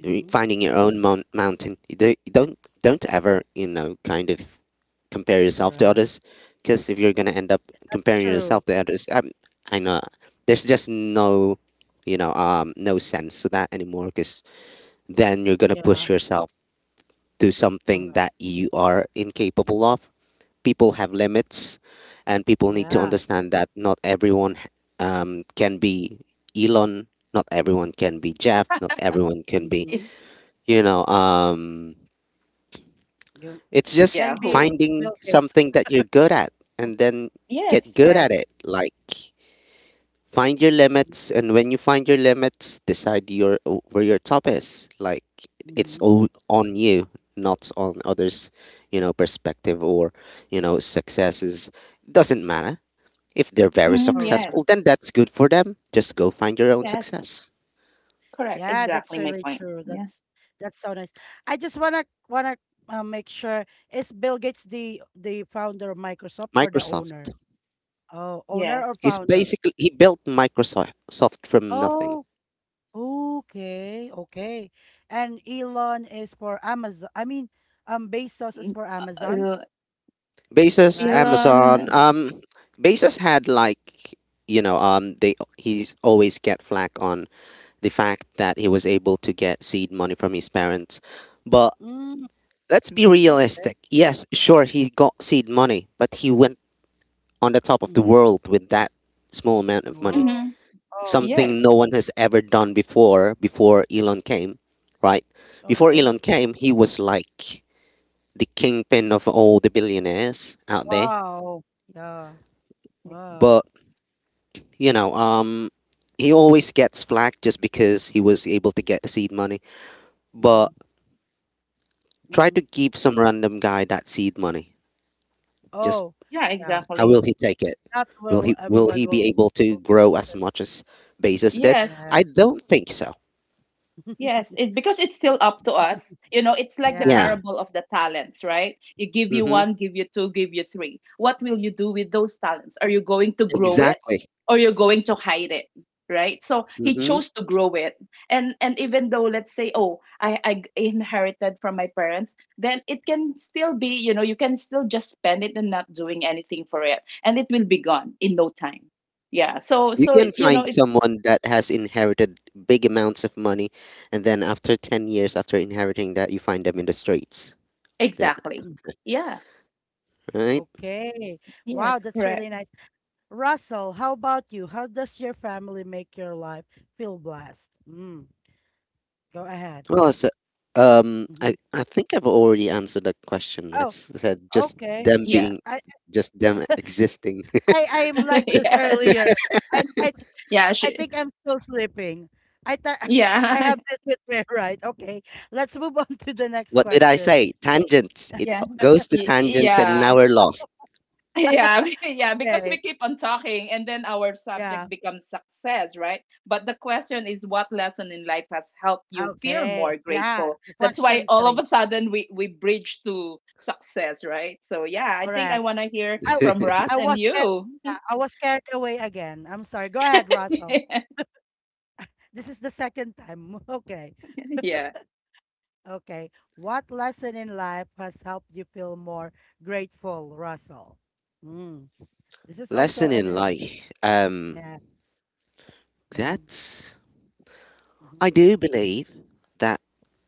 Speaker 1: Mm-hmm.
Speaker 3: finding your own mountain. You don't ever, kind of, compare yourself to
Speaker 1: Correct.
Speaker 3: others, because if you're gonna end up
Speaker 1: That's
Speaker 3: comparing
Speaker 1: true.
Speaker 3: yourself to others, I know there's just no sense to that anymore. Because then you're gonna
Speaker 1: Yeah.
Speaker 3: push yourself to something that
Speaker 1: Correct.
Speaker 3: you are incapable of. People have limits, and people need to
Speaker 1: Yeah.
Speaker 3: understand that not everyone can be Elon. Not everyone can be Jeff. Not everyone can be,
Speaker 1: Mm-hmm.
Speaker 3: you know um
Speaker 1: You
Speaker 3: it's just
Speaker 2: Yeah,
Speaker 1: can be
Speaker 2: who?
Speaker 3: finding
Speaker 1: Bill Gates.
Speaker 3: something that you're good at and then get
Speaker 2: Yes.
Speaker 3: good at
Speaker 1: Yes.
Speaker 3: it. Like, find your limits, and when you find your limits, decide your where your top is. Like, it's
Speaker 1: Mm-hmm.
Speaker 3: all on you, not on others', perspective, or successes. Doesn't matter. If they're very
Speaker 2: Mhm.
Speaker 1: Correct.
Speaker 3: successful,
Speaker 2: Yes.
Speaker 3: then that's good for them. Just go find your own
Speaker 2: Yes.
Speaker 3: success.
Speaker 2: Correct.
Speaker 1: Yeah, that's
Speaker 2: Exactly my
Speaker 1: really
Speaker 2: point.
Speaker 1: true.
Speaker 2: Yeah.
Speaker 1: That's so nice. I just wanna wanna make sure, is Bill Gates the founder of Microsoft or the
Speaker 3: Microsoft
Speaker 1: owner? Oh, owner or
Speaker 2: Yes.
Speaker 3: is
Speaker 1: founder?
Speaker 3: basically. He built Microsoft soft from nothing.
Speaker 1: Oh, okay, okay. And Elon is for Amazon. I mean, Bezos is
Speaker 2: Mm,
Speaker 1: for
Speaker 2: uh,
Speaker 1: Amazon.
Speaker 2: uh,
Speaker 3: Bezos,
Speaker 1: Right?
Speaker 2: Elon.
Speaker 3: Amazon. Bezos had like, you know they he's always get flack on the fact that he was able to get seed money from his parents, but
Speaker 1: Mm,
Speaker 3: let's be
Speaker 1: okay.
Speaker 3: realistic. Yes, sure he got seed money, but he went on the top of the
Speaker 1: Mhm.
Speaker 3: world with that small amount of money.
Speaker 1: Wow.
Speaker 2: Mm-hmm.
Speaker 1: Oh,
Speaker 2: Yes.
Speaker 3: Something no one has ever done before. Before Elon came, right? Before
Speaker 1: okay.
Speaker 3: Elon came, he was like the kingpin of all the billionaires out there,
Speaker 1: Wow. Yeah. Wow.
Speaker 3: but, you know, um, he always gets flack just because he was able to get the seed money. But
Speaker 1: Mhm.
Speaker 3: try to
Speaker 1: Mhm.
Speaker 3: give some random guy that seed money. Just
Speaker 1: Oh,
Speaker 2: Yeah,
Speaker 1: yeah.
Speaker 3: how will
Speaker 2: exactly.
Speaker 3: he take it?
Speaker 1: That
Speaker 3: Will
Speaker 1: will
Speaker 3: he will
Speaker 1: Everyone
Speaker 3: he be
Speaker 1: will
Speaker 3: able to
Speaker 1: will be
Speaker 3: grow as
Speaker 1: successful.
Speaker 3: much as Bezos did?
Speaker 2: Yes.
Speaker 3: I
Speaker 1: Yes.
Speaker 3: don't think so.
Speaker 2: Yes, it because it's still up to us. You know, it's like the
Speaker 3: Yeah.
Speaker 1: Yeah.
Speaker 2: parable of the talents, right? You give you
Speaker 3: Mm-hmm.
Speaker 2: one, give you two, give you three. What will you do with those talents? Are you going to grow it
Speaker 3: Exactly.
Speaker 2: or you're going to hide it? Right? So he
Speaker 3: Mm-hmm.
Speaker 1: Mhm.
Speaker 2: chose to grow it. And even though let's say, oh, I inherited from my parents, then it can still be, you know, you can still just spend it and not doing anything for it. And it will be gone in no time. Yeah. So
Speaker 3: You
Speaker 2: so
Speaker 3: can
Speaker 2: you know,
Speaker 3: find
Speaker 2: it's
Speaker 3: someone that has inherited big amounts of money, and then after 10 years after inheriting that, you find them in the streets. That.
Speaker 2: exactly.
Speaker 1: Mm.
Speaker 2: Yeah.
Speaker 3: Right?
Speaker 1: Okay. Wow,
Speaker 2: Yes,
Speaker 1: that's
Speaker 2: correct.
Speaker 1: really nice. Russell, how about you? How does your family make your life feel blessed? Go ahead.
Speaker 3: Well, it's,
Speaker 1: Mhm.
Speaker 3: I think I've already answered that question. I
Speaker 1: Oh,
Speaker 3: said
Speaker 1: okay.
Speaker 2: Yeah.
Speaker 1: I
Speaker 3: just them existing.
Speaker 1: I'm like this
Speaker 2: Yeah.
Speaker 1: earlier. I I
Speaker 2: Yeah,
Speaker 1: I
Speaker 2: she
Speaker 1: think I'm still sleeping. I thought I
Speaker 2: yeah.
Speaker 1: have this with me, right? Okay. Let's move on to the next
Speaker 3: What did I
Speaker 1: question.
Speaker 3: say? Tangents. It
Speaker 2: Yeah.
Speaker 3: goes to
Speaker 2: Y
Speaker 3: tangents, and now
Speaker 2: yeah.
Speaker 3: we're lost.
Speaker 2: Yeah, yeah, because we
Speaker 1: Okay.
Speaker 2: keep on talking and then our subject
Speaker 1: Yeah.
Speaker 2: becomes success, right? But the question is, what lesson in life has helped you feel
Speaker 1: Okay.
Speaker 2: more
Speaker 1: Yeah.
Speaker 2: grateful?
Speaker 1: The
Speaker 2: That's why
Speaker 1: question
Speaker 2: all of
Speaker 1: three.
Speaker 2: a sudden we bridge to success, right? So yeah, I think I
Speaker 1: Correct.
Speaker 2: want to hear
Speaker 1: I
Speaker 2: from Russ
Speaker 1: I
Speaker 2: and
Speaker 1: was ca-
Speaker 2: you.
Speaker 1: yeah, I was carried away again. I'm sorry. Go ahead, Russell. This is the second time. Okay.
Speaker 2: Yeah.
Speaker 1: Okay. What lesson in life has helped you feel more grateful, Russell? Mm. This is also
Speaker 3: Lesson
Speaker 1: an,
Speaker 3: in
Speaker 1: an
Speaker 3: life. Um,
Speaker 1: yeah. Mm-hmm.
Speaker 3: that's.
Speaker 1: Mm-hmm.
Speaker 3: I do believe that.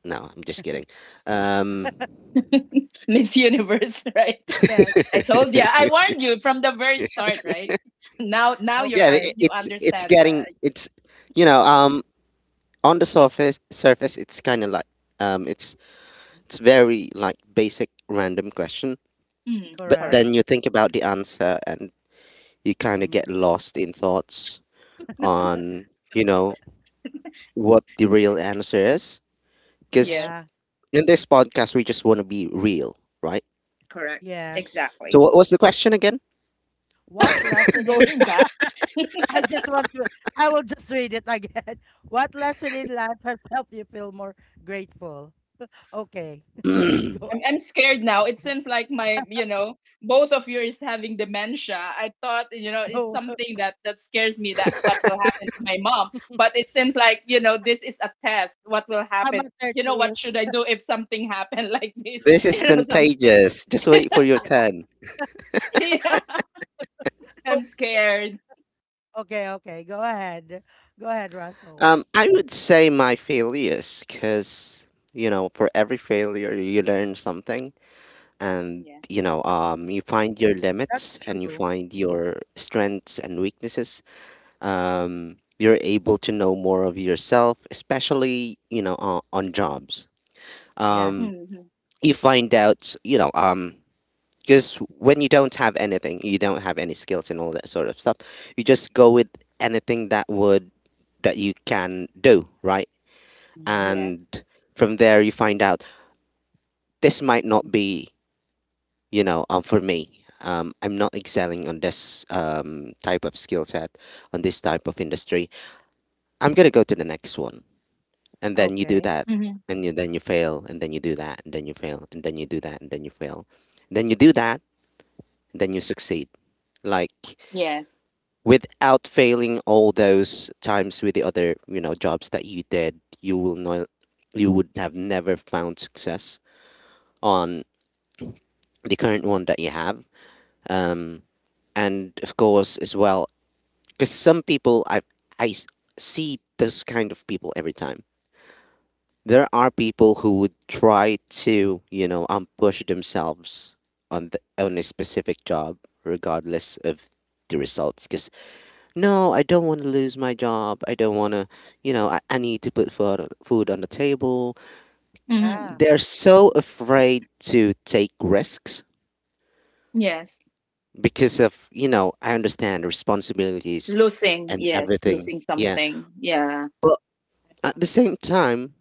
Speaker 3: No, I'm just kidding. Um,
Speaker 2: Miss Universe, right?
Speaker 1: Yes.
Speaker 2: I told you. I warned you from the very start, right? Now, now you're
Speaker 3: yeah, it,
Speaker 2: un-
Speaker 1: Okay.
Speaker 2: you
Speaker 3: it's it's
Speaker 2: understand,
Speaker 3: getting
Speaker 2: right?
Speaker 3: you know, um, on the surface it's kind of like um, it's
Speaker 1: Mm-hmm,
Speaker 3: It's very, like, basic random question,
Speaker 2: Mm,
Speaker 3: but
Speaker 1: correct.
Speaker 2: correct.
Speaker 3: then you think about the answer and you kind of get
Speaker 1: Hmm.
Speaker 3: lost in thoughts on, you know, what the real answer is. Because
Speaker 2: Yes,
Speaker 1: Yeah.
Speaker 3: in this podcast, we just want to be real, right?
Speaker 2: correct.
Speaker 1: Yes.
Speaker 3: So,
Speaker 2: Exactly.
Speaker 3: what was the question again?
Speaker 1: What lesson in
Speaker 2: Going back,
Speaker 1: I just want to I will just read it again. What lesson in life has helped you feel more grateful? Okay. Go
Speaker 2: I'm scared now. It seems like my, you know, both of you is having dementia. I thought, you know, it's
Speaker 1: oh,
Speaker 2: something that that scares me that what will happen to my mom. But it seems like, you know, this is a test. What will
Speaker 1: I'm
Speaker 2: happen?
Speaker 1: at
Speaker 2: You know, what should
Speaker 1: 30-ish.
Speaker 2: I do if something happened like this?
Speaker 3: This is
Speaker 2: You know, something.
Speaker 3: contagious. Just wait for your
Speaker 1: Yeah.
Speaker 3: turn.
Speaker 2: Yeah,
Speaker 1: Oh,
Speaker 2: I'm scared.
Speaker 1: okay, okay. Go ahead. Go ahead, Russell.
Speaker 3: I would say my failures, because, for every failure, you learn something. And
Speaker 2: Yes.
Speaker 3: you know,
Speaker 1: Mhm.
Speaker 3: you find your
Speaker 1: That's
Speaker 3: limits and you
Speaker 1: true.
Speaker 3: find your strengths and weaknesses. You're able to know more of yourself, especially you know, on jobs.
Speaker 1: Yes.
Speaker 3: um
Speaker 2: Mm-hmm.
Speaker 3: you find out, you know, because when you don't have anything, you don't have any skills and all that sort of stuff, you just go with anything that would, that you can do, right?
Speaker 1: Hmm.
Speaker 2: Yes.
Speaker 3: And from there you find out this might not be, you know, for me, I'm not excelling on this type of skill set, on this type of industry. I'm gonna go to the next one, and then you do
Speaker 1: Okay.
Speaker 3: that,
Speaker 2: Mm-hmm.
Speaker 3: and you then you fail, and then you do that, and then you fail, and then you do that, and then you fail, then you do that, and then you succeed, like
Speaker 2: Yes.
Speaker 3: without failing all those times with the other, you know, jobs that you did, you will not, you would have never found success on the current one that you have. Um, and of course, as well, because some people, I see those kind of people every time. There are people who would try to, you know, push themselves on on a specific job, regardless of the results. Because no, I don't want to lose my job. I don't want to, you know, I need to put food on, food on the table.
Speaker 2: Mm-hmm.
Speaker 1: Yeah.
Speaker 3: They're so afraid to take risks
Speaker 2: Yes.
Speaker 3: because of, you know, I understand responsibilities
Speaker 2: Losing.
Speaker 3: and
Speaker 2: Yes.
Speaker 3: everything.
Speaker 2: Losing
Speaker 3: Yeah,
Speaker 2: something. Yeah.
Speaker 3: but at the same time,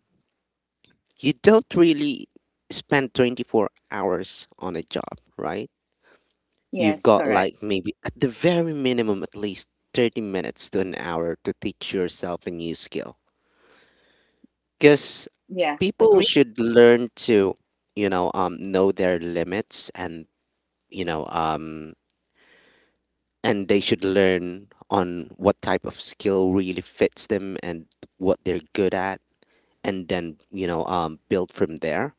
Speaker 3: you don't really spend 24 hours on a job, right? You've
Speaker 2: Yes.
Speaker 3: got
Speaker 2: Correct.
Speaker 3: like maybe at the very minimum at least 30 minutes to an hour to teach yourself a new skill. Because
Speaker 2: Yeah.
Speaker 3: people
Speaker 2: Agree.
Speaker 3: should learn to, know their limits, and you know, um, and they should learn on what type of skill really fits them and what they're good at, and then, build from there.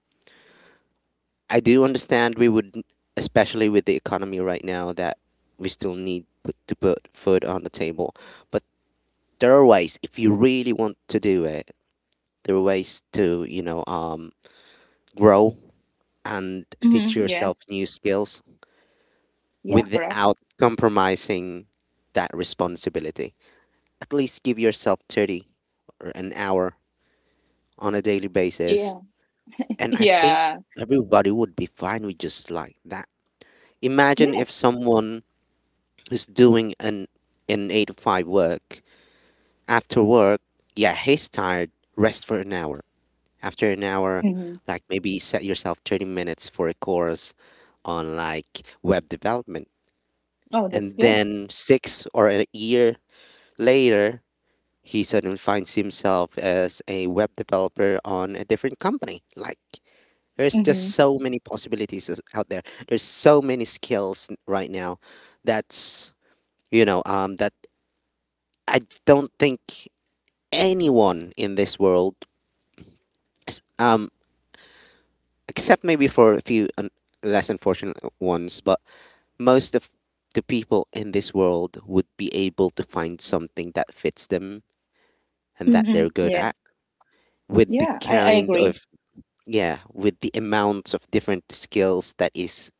Speaker 3: I do understand we would, especially with the economy right now, that we still need put, to put food on the table. But there are ways if you really want to do it. There are ways to, grow and teach
Speaker 2: Mm-hmm.
Speaker 3: yourself
Speaker 2: Yes.
Speaker 3: new skills
Speaker 2: Yeah. Correct.
Speaker 3: without compromising that responsibility. At least give yourself 30 or an hour on a daily basis,
Speaker 2: Yeah.
Speaker 3: and I think
Speaker 2: Yeah.
Speaker 3: everybody would be fine with just like that. Imagine if
Speaker 2: Yes.
Speaker 3: someone is doing an 8 to 5 work. After work, yeah, he's tired. Rest for an hour. After an hour,
Speaker 2: Mm-hmm.
Speaker 3: like maybe set yourself 30 minutes for a course on like web development,
Speaker 2: Oh, that's
Speaker 3: and
Speaker 2: good.
Speaker 3: then 6 months or a year later, he suddenly finds himself as a web developer on a different company. Like there's
Speaker 2: Mm-hmm.
Speaker 3: just so many possibilities out there. There's so many skills right now that's, that I don't think anyone in this world, s- um, except maybe for a few less unfortunate ones, but most of the people in this world would be able to find something that fits them and that
Speaker 2: Mm-hmm.
Speaker 3: they're good at,
Speaker 2: Yes.
Speaker 3: with the
Speaker 2: Yeah. I
Speaker 3: kind
Speaker 2: agree.
Speaker 3: of, yeah, with the amounts of different skills that is,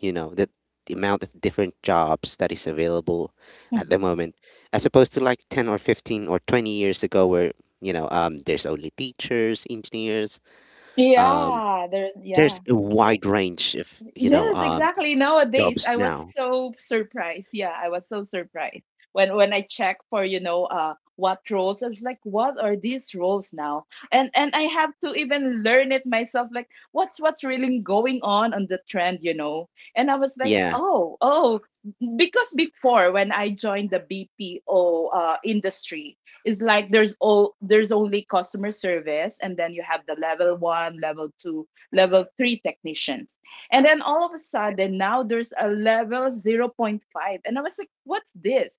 Speaker 3: you know, the amount of different jobs that is available at the
Speaker 2: Hmm.
Speaker 3: moment, as opposed to like 10 or 15 or 20 years ago, where there's only teachers, engineers, um,
Speaker 2: Yeah. There. Yeah.
Speaker 3: there's a
Speaker 2: Yes.
Speaker 3: wide range of,
Speaker 2: Yes, exactly. Nowadays,
Speaker 3: jobs
Speaker 2: I was
Speaker 3: now.
Speaker 2: so surprised. Yeah, I was so surprised when I checked for, you know, what roles. I was like, what are these roles now? And I have to even learn it myself like what's really going on the trend, you know? And I was like,
Speaker 3: Yeah,
Speaker 2: oh, oh, because before when I joined the BPO industry, it's like there's only customer service, and then you have the level 1, level 2, level 3 technicians. And then all of a sudden, now there's a level zero point 0.5. And I was like, what's this?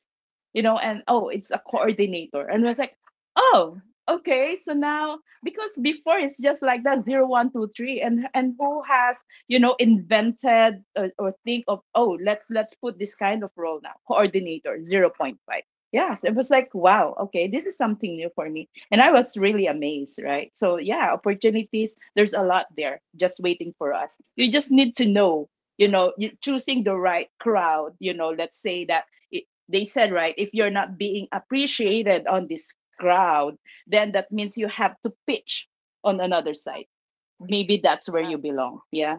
Speaker 2: You know, and oh, it's a coordinator. And I was like, oh, okay. So now, because before it's just like that zero, one, two, three, and who has, you know, invented or think of, oh, let's put this kind of role now, coordinator 0.5. Yeah, so it was like wow, okay, this is something new for me. And I was really amazed, right? So, yeah, opportunities, there's a lot there just waiting for us. You just need to know, you choosing the right crowd, you know, let's say that it, they said, right, if you're not being appreciated on this crowd, then that means you have to pitch on another side. Maybe that's where you
Speaker 1: Right.
Speaker 2: belong. Yeah.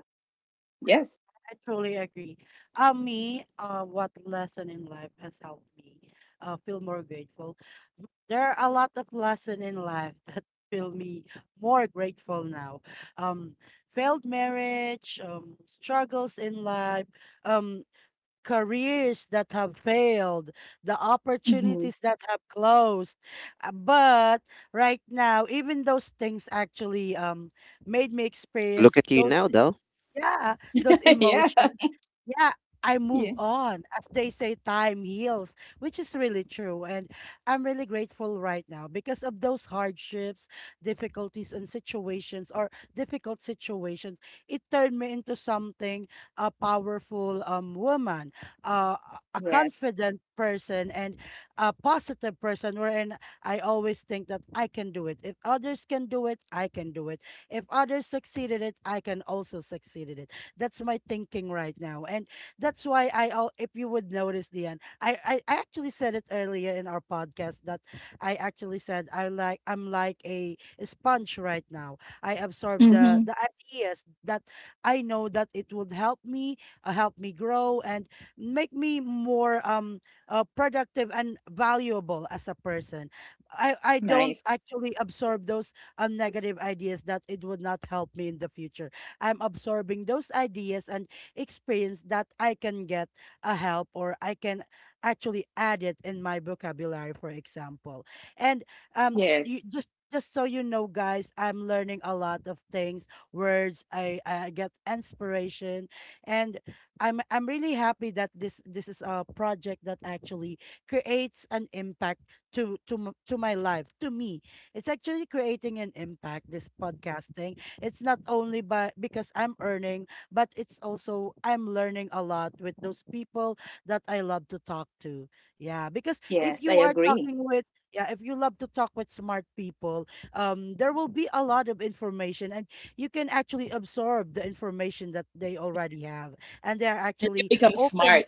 Speaker 2: Yes.
Speaker 1: I totally agree. Me, what lesson in life has helped me feel more grateful? There are a lot of lessons in life that feel me more grateful now. Um, failed marriage, struggles in life, um, careers that have failed, the
Speaker 2: Hmm.
Speaker 1: opportunities that have closed. But right now, even those things actually made me
Speaker 3: look
Speaker 1: experience
Speaker 3: at you
Speaker 1: those,
Speaker 3: now though.
Speaker 1: yeah, those
Speaker 2: Yeah.
Speaker 1: emotions, yeah, I move
Speaker 2: Yeah.
Speaker 1: on. As they say, time heals, which is really true. And I'm really grateful right now because of those hardships, difficulties, and situations, or difficult situations. It turned me into something, a powerful woman, a
Speaker 2: Yes.
Speaker 1: confident person, and a positive person. Wherein I always think that I can do it. If others can do it, I can do it. If others succeeded it, I can also succeed in it. That's my thinking right now. And that's why I, if you would notice, Dion, I actually said it earlier in our podcast that I actually said, I'm like a sponge right now. I absorb the,
Speaker 2: Hmm.
Speaker 1: the ideas that I know that it would help me, grow and make me more productive and valuable as a person. I don't
Speaker 2: Nice.
Speaker 1: actually absorb those negative ideas that it would not help me in the future. I'm absorbing those ideas and experience that I can get a help or I can actually add it in my vocabulary, for example. And
Speaker 2: Yes.
Speaker 1: just so you know, guys, I'm learning a lot of things, words. I get inspiration, and I'm really happy that this is a project that actually creates an impact to my life, to me. It's actually creating an impact. This podcasting, it's not only by because I'm earning, but it's also I'm learning a lot with those people that I love to talk to. Yeah, because
Speaker 2: Yes.
Speaker 1: if
Speaker 2: I
Speaker 1: you are
Speaker 2: agree.
Speaker 1: talking with yeah, if you love to talk with smart people, there will be a lot of information, and you can actually absorb the information that they already have, and they are
Speaker 2: You
Speaker 1: actually
Speaker 2: become smart.
Speaker 1: open,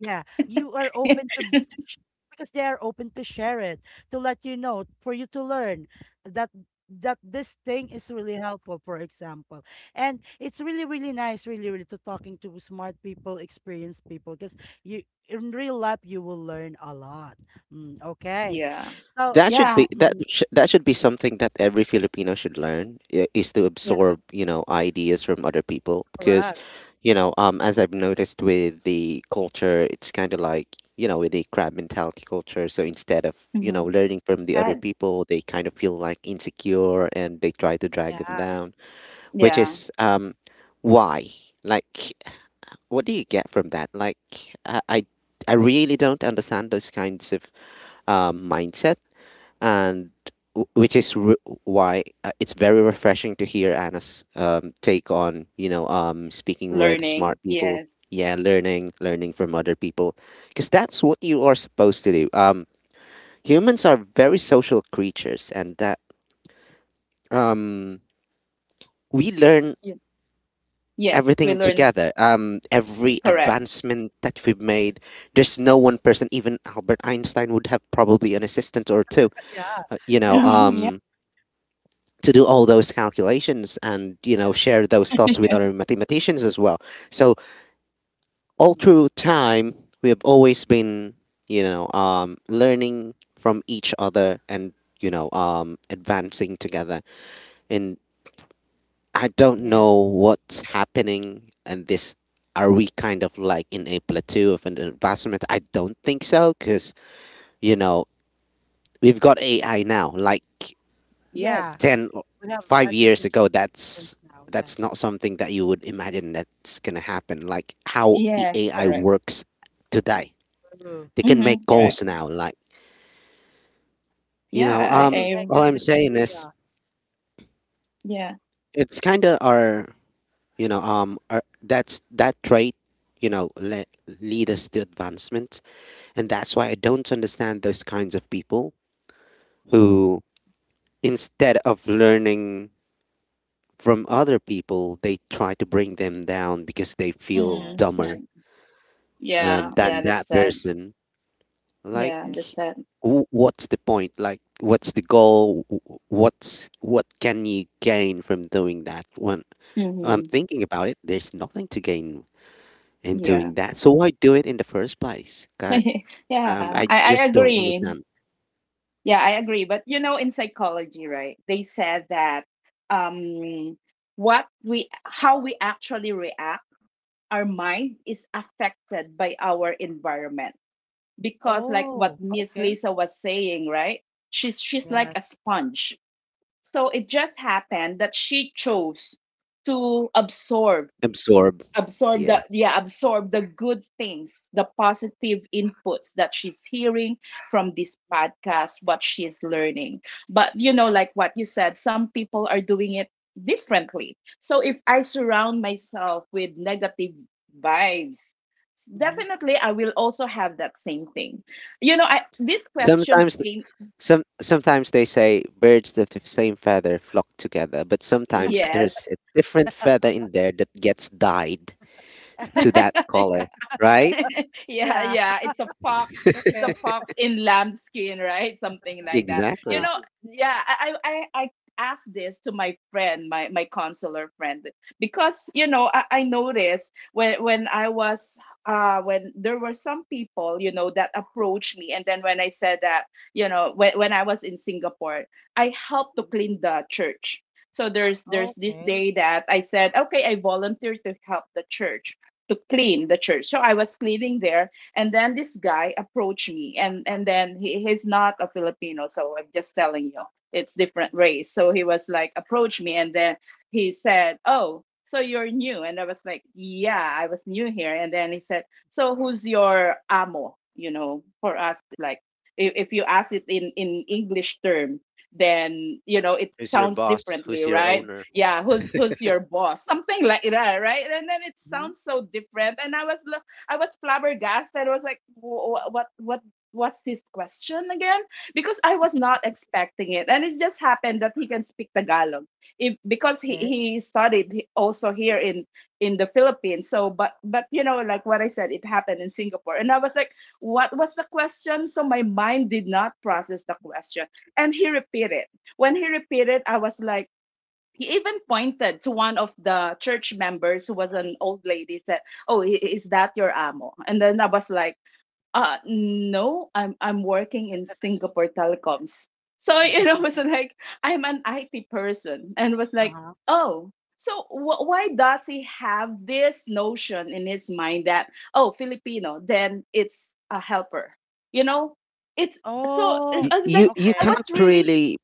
Speaker 1: yeah, you are open because they are open to share it, to let you know, for you to learn that that this thing is really helpful, for example. And it's really, really nice, really, really to talking to smart people, experienced people, because you in real life you will learn a lot. Mm, okay.
Speaker 2: Yeah.
Speaker 1: So
Speaker 3: That should
Speaker 2: Yeah.
Speaker 3: be,
Speaker 1: mhm,
Speaker 3: that should be something that every Filipino should learn, is to
Speaker 2: Yeah.
Speaker 1: yeah,
Speaker 3: absorb, you know, ideas from other people, because
Speaker 1: correct.
Speaker 3: you know, as I've noticed with the culture, it's kind of like, you know, with the crab mentality culture, so instead of, you know,
Speaker 2: Hmm.
Speaker 3: learning from the other
Speaker 2: Sad.
Speaker 3: people, they kind of feel like insecure and they try to drag them
Speaker 1: Yeah,
Speaker 3: down, which
Speaker 2: Yeah.
Speaker 3: is, why, like, what do you get from that? Like, I I, I really don't understand those kinds of mindset. And which is why, it's very refreshing to hear Anna's, take on, you know, speaking with
Speaker 2: Learning.
Speaker 3: smart people.
Speaker 2: Yes.
Speaker 3: Yeah, learning, learning from other people, because that's what you are supposed to do. Humans are very social creatures, and that, um, we learn
Speaker 2: Yeah. Yes. We
Speaker 3: everything
Speaker 2: learn.
Speaker 3: together. Every
Speaker 2: Correct.
Speaker 3: advancement that we've made, there's no one person. Even Albert Einstein would have probably an assistant or two.
Speaker 1: yeah,
Speaker 3: Uh, you know,
Speaker 1: yeah.
Speaker 2: Hmm. Yeah.
Speaker 3: to do all
Speaker 1: Mm-hmm.
Speaker 3: those calculations and you know,
Speaker 1: Yes.
Speaker 3: share those thoughts with
Speaker 2: Yeah.
Speaker 3: other mathematicians as well. So all
Speaker 1: Mhm.
Speaker 3: through time we have always been, you know, learning from each other, and you know, advancing together, and I don't know
Speaker 1: And
Speaker 3: what's happening, and this, are we kind of like in a plateau of an advancement? I don't think so, because you know, we've got AI now. Like
Speaker 1: yeah,
Speaker 2: Yes.
Speaker 3: ten or
Speaker 1: we have
Speaker 3: five years
Speaker 1: artificial
Speaker 3: ago,
Speaker 1: intelligence
Speaker 3: that's
Speaker 1: now,
Speaker 3: that's
Speaker 1: yes.
Speaker 3: not something that you would imagine that's gonna happen, like how the
Speaker 2: Yes.
Speaker 3: AI
Speaker 2: Correct.
Speaker 3: works today. They can make
Speaker 2: Hmm. Correct.
Speaker 3: calls now. Like, you
Speaker 2: Yeah.
Speaker 3: know,
Speaker 1: Even AI
Speaker 3: all
Speaker 1: can
Speaker 2: I
Speaker 3: I'm saying
Speaker 1: actually,
Speaker 3: is
Speaker 1: yeah,
Speaker 2: yeah.
Speaker 3: it's kind of our, you know, our, that's that trait, you know, lead us to advancement, and that's why I don't understand those kinds of people who, instead of learning from other people, they try to bring them down because they feel
Speaker 1: yes,
Speaker 2: Mm,
Speaker 3: dumber
Speaker 2: sad. Yeah.
Speaker 3: than
Speaker 2: Yeah. That's
Speaker 3: that
Speaker 2: sad.
Speaker 3: person. Like,
Speaker 2: Yeah.
Speaker 1: okay.
Speaker 2: That's sad.
Speaker 3: what's the point? Like, what's the goal? What's, what can you gain from doing that? When I'm
Speaker 2: Hmm.
Speaker 3: thinking about it, there's nothing to gain in
Speaker 2: Yeah.
Speaker 3: doing that, so why do it in the first place? Okay,
Speaker 2: Yeah.
Speaker 3: I
Speaker 2: I
Speaker 3: just don't
Speaker 2: agree.
Speaker 3: understand.
Speaker 2: Yeah. I agree. But you know, in psychology, right? They said that, um, what we, how we actually react, our mind is affected by our environment, because like what
Speaker 1: Oh,
Speaker 2: Miss
Speaker 1: okay.
Speaker 2: Lisa was saying, right, she's like
Speaker 1: Yes.
Speaker 2: a sponge. So it just happened that she chose to absorb,
Speaker 3: Absorb,
Speaker 2: absorb
Speaker 3: yeah.
Speaker 2: the,
Speaker 1: Okay.
Speaker 2: yeah, absorb the good things, the positive inputs that she's hearing from this podcast, what she's learning. But you know, like what you said, some people are doing it differently. So if I surround myself with negative vibes,
Speaker 1: Mm-hmm.
Speaker 2: definitely I will also have that same thing. You know, I, these questions
Speaker 3: sometimes th-
Speaker 2: came.
Speaker 3: some sometimes they say birds of the same feather flock together, but sometimes
Speaker 2: Yes.
Speaker 3: there's a different feather in there that gets dyed to that color, right?
Speaker 2: Yeah,
Speaker 1: Yeah.
Speaker 2: yeah. It's a fox. It's a
Speaker 1: Okay.
Speaker 2: fox in lambskin, right? Something like that. You
Speaker 1: Uh,
Speaker 3: Exactly.
Speaker 2: know, yeah. I asked this to my friend, my consular friend, because you know I noticed when I was when there were some people, you know, that approached me, and then when I said that, you know, when I was in Singapore, I helped to
Speaker 1: mhm.
Speaker 2: clean the church. So there's this
Speaker 1: Okay.
Speaker 2: day that I said, okay, I volunteer to help the church to clean the church. So I was cleaning there, and then this guy approached me, and then he, he's not a Filipino, so I'm just telling you it's different race. So he was like approached me, and then he said, "Oh, so you're new?" And I was like, "Yeah, I was new here." And then he said, "So who's your amo?" You know, for us, like, if you ask it in English term, then you know it
Speaker 3: Who's your
Speaker 2: sounds
Speaker 3: boss?
Speaker 2: differently,
Speaker 3: Who's your
Speaker 2: right?
Speaker 3: owner?
Speaker 2: Yeah, who's your boss, something like that, right? And then it
Speaker 1: Mm-hmm.
Speaker 2: sounds so different, and I I was flabbergasted. I was like,
Speaker 1: Mm-hmm.
Speaker 2: What was his question again?" Because I was not expecting it, and it just happened that he can speak Tagalog, if, because
Speaker 1: Okay.
Speaker 2: he studied he- also here in the Philippines. So but you know, like what I said, it happened in Singapore, and I was like, what was the question? So my mind did not process the question. And he repeated. When he repeated, I was like, he even pointed to one of the church members who was an old lady, said, oh, is that your amo? And then I
Speaker 1: Mhm.
Speaker 2: was like, uh, no, I'm working in Singapore Telecoms. So you know was like, I'm an IT person, and was like,
Speaker 1: Uh-huh.
Speaker 2: oh, so why does he have this notion in his mind that, oh, Filipino, then it's a helper? You know, it's, so
Speaker 1: Oh,
Speaker 2: I was like,
Speaker 3: You
Speaker 2: I was
Speaker 1: okay.
Speaker 3: can't
Speaker 2: really,
Speaker 3: really.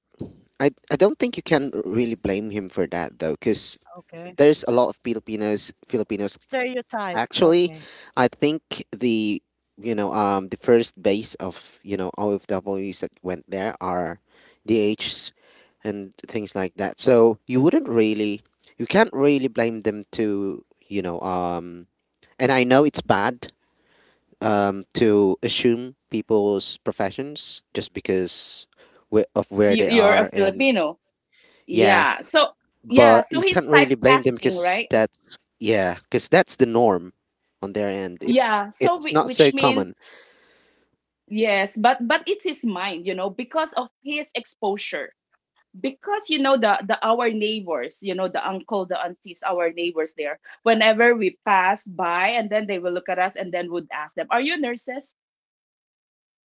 Speaker 3: I don't think you can really blame him for that though, because
Speaker 1: Okay.
Speaker 3: there's a lot of Filipinos. Filipinos
Speaker 1: Stereotype.
Speaker 3: actually,
Speaker 1: Okay.
Speaker 3: I think the, you know, the first base of, you know, OFWs that went there are D Hs and things like that. So you wouldn't really, you can't really blame them to, you know, um. And I know it's bad, to assume people's professions just because of where
Speaker 2: you,
Speaker 3: they
Speaker 2: you're a
Speaker 3: are. And
Speaker 2: Filipino.
Speaker 3: yeah,
Speaker 2: Yeah. So yeah,
Speaker 3: but
Speaker 2: so
Speaker 3: you
Speaker 2: he's
Speaker 3: can't really blame them
Speaker 2: typecasting,
Speaker 3: because
Speaker 2: right?
Speaker 3: that's, yeah, because that's the norm on their end. it's
Speaker 2: Yeah. So
Speaker 3: it's not so
Speaker 2: which means,
Speaker 3: common.
Speaker 2: yes, but it's his mind, you know, because of his exposure. Because you know the our neighbors, you know, the uncle, the aunties, our neighbors there. Whenever we pass by, and then they will look at us, and then would ask them, "Are you nurses?"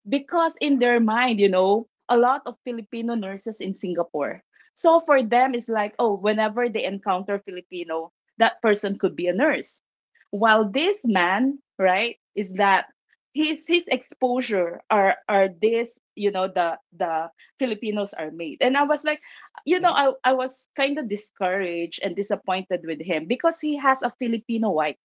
Speaker 2: Because in their mind, you know, a lot of Filipino nurses in Singapore. So for them, it's like, oh, whenever they encounter Filipino, that person could be a nurse. While this man, right, is that his exposure are this, you know, the Filipinos are made. And I was like, you know,
Speaker 1: Okay.
Speaker 2: I was kind of discouraged and disappointed with him because he has a Filipino wife.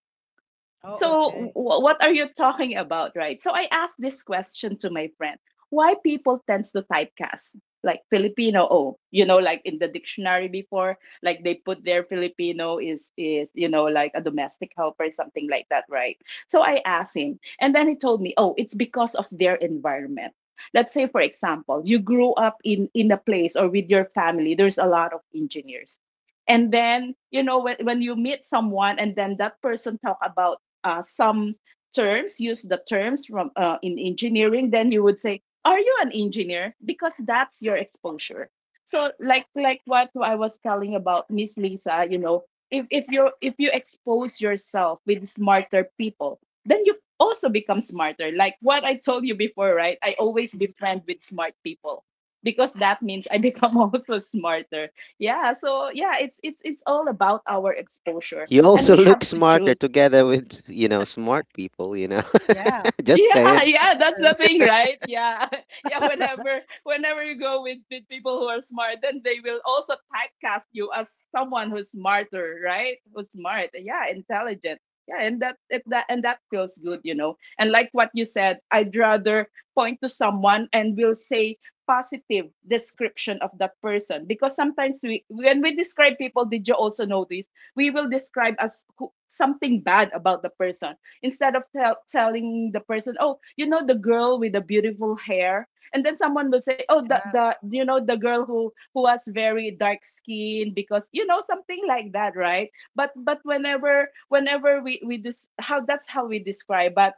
Speaker 2: So,
Speaker 1: Oh, okay.
Speaker 2: what are you talking about, right? So, I asked this question to my friend, why people tends to typecast, like Filipino, oh, you know, like in the dictionary before, like they put their Filipino is you know, like a domestic helper, something like that, right? So, I asked him, and then he told me, oh, it's because of their environment. Let's say, for example, you grew up in a place or with your family, there's a lot of engineers, and then you know when you meet someone and then that person talk about some terms, use the terms from in engineering, then you would say, "Are you an engineer?" Because that's your exposure. So, like what I was telling about Miss Lisa, you know, if if you expose yourself with smarter people, then you also become smarter. Like what I told you before, right? I always
Speaker 1: Mm-hmm. Mm-hmm.
Speaker 2: befriend with smart people, because that means I become also smarter. Yeah. So yeah, it's it's all about our exposure,
Speaker 3: You
Speaker 2: and
Speaker 3: also
Speaker 2: we have
Speaker 3: look
Speaker 2: to
Speaker 3: smarter
Speaker 2: choose.
Speaker 3: together with, you know, smart people, you know.
Speaker 1: Yeah.
Speaker 3: Just
Speaker 2: Yeah,
Speaker 1: Yeah.
Speaker 3: saying.
Speaker 1: That's
Speaker 2: yeah, that's
Speaker 1: true.
Speaker 2: the thing, right? Yeah. Yeah, whenever you go with people who are smart, then they will also typecast you as someone who's smarter, right? Who's smart. Yeah, intelligent. Yeah, and that it, that and that feels good, you know. And like what you said, I'd rather point to someone and will say positive description of that person because sometimes we when we describe people, did you also notice we will describe as something bad about the person instead of telling the person. Oh, you know the girl with the beautiful hair, and then someone will say, oh, the
Speaker 1: Yeah.
Speaker 2: the you know the girl who has very dark skin because you know something like that, right? But whenever we this how that's how we describe. But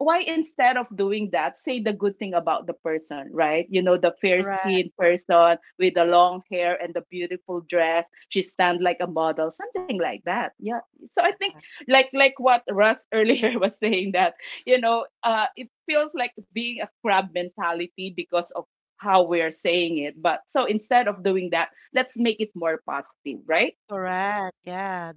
Speaker 2: why instead of doing that, say the good thing about the person, right? You know, the fair
Speaker 1: Correct.
Speaker 2: skinned person with the long hair and the beautiful dress. She stand like a model, something like that. Yeah. So I think like what Russ earlier was saying that, you know, it feels like being a crab mentality because of how we're saying it. But so instead of doing that, let's make it more positive, right?
Speaker 1: Correct. Yeah.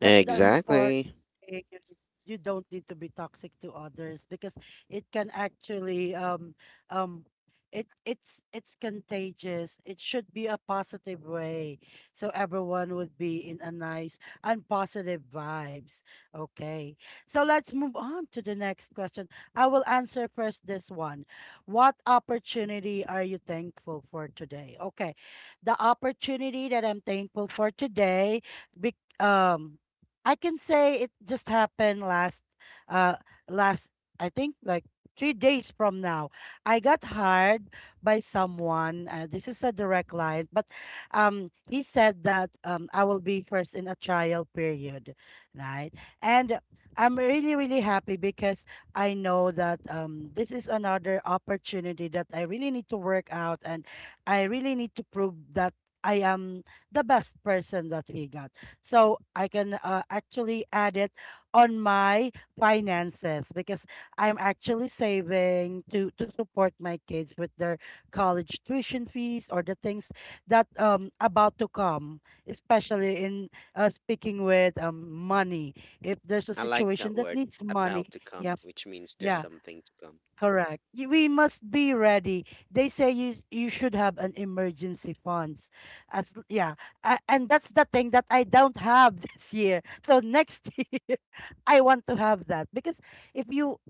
Speaker 1: That's the important
Speaker 3: Exactly.
Speaker 1: thing. You don't need to be toxic to others because it can actually um it's contagious. It should be a positive way. So everyone would be in a nice and positive vibes. Okay. So let's move on to the next question. I will answer first this one. What opportunity are you thankful for today? Okay, the opportunity that I'm thankful for today. Be- um, I can say it just happened last, uh, last I think like 3 days from now. I got hired by someone. This is a direct client, but he said that I will be first in a trial period, right? And I'm really really happy because I know that this is another opportunity that I really need to work out, and I really need to prove that I am the best person that he got. So I can actually add it on my finances because I'm actually saving to support my kids with their college tuition fees, or the things that about to come, especially in speaking with money. If there's a
Speaker 3: I like that
Speaker 1: situation that
Speaker 3: word,
Speaker 1: needs money,
Speaker 3: "about to
Speaker 1: yeah,
Speaker 3: come," which means there's
Speaker 1: yeah.
Speaker 3: something to come.
Speaker 1: Correct. We must be ready. They say you should have an emergency funds. As l- yeah, and that's the thing that I don't have this year. So next year I want to have that, because if you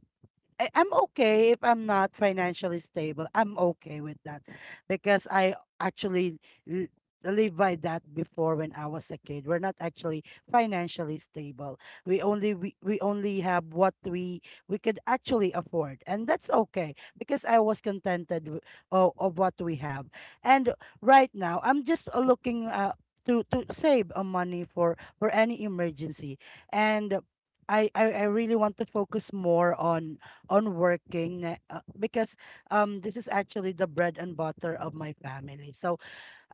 Speaker 1: I- I'm okay if I'm not financially stable. I'm okay with that because I actually live by that before, when I was a kid. We're not actually financially stable. We only have what we could actually afford, and that's okay because I was contented of what we have. And right now, I'm just looking, to save money for any emergency, and I really want to focus more on working, because this is actually the bread and butter of my family. So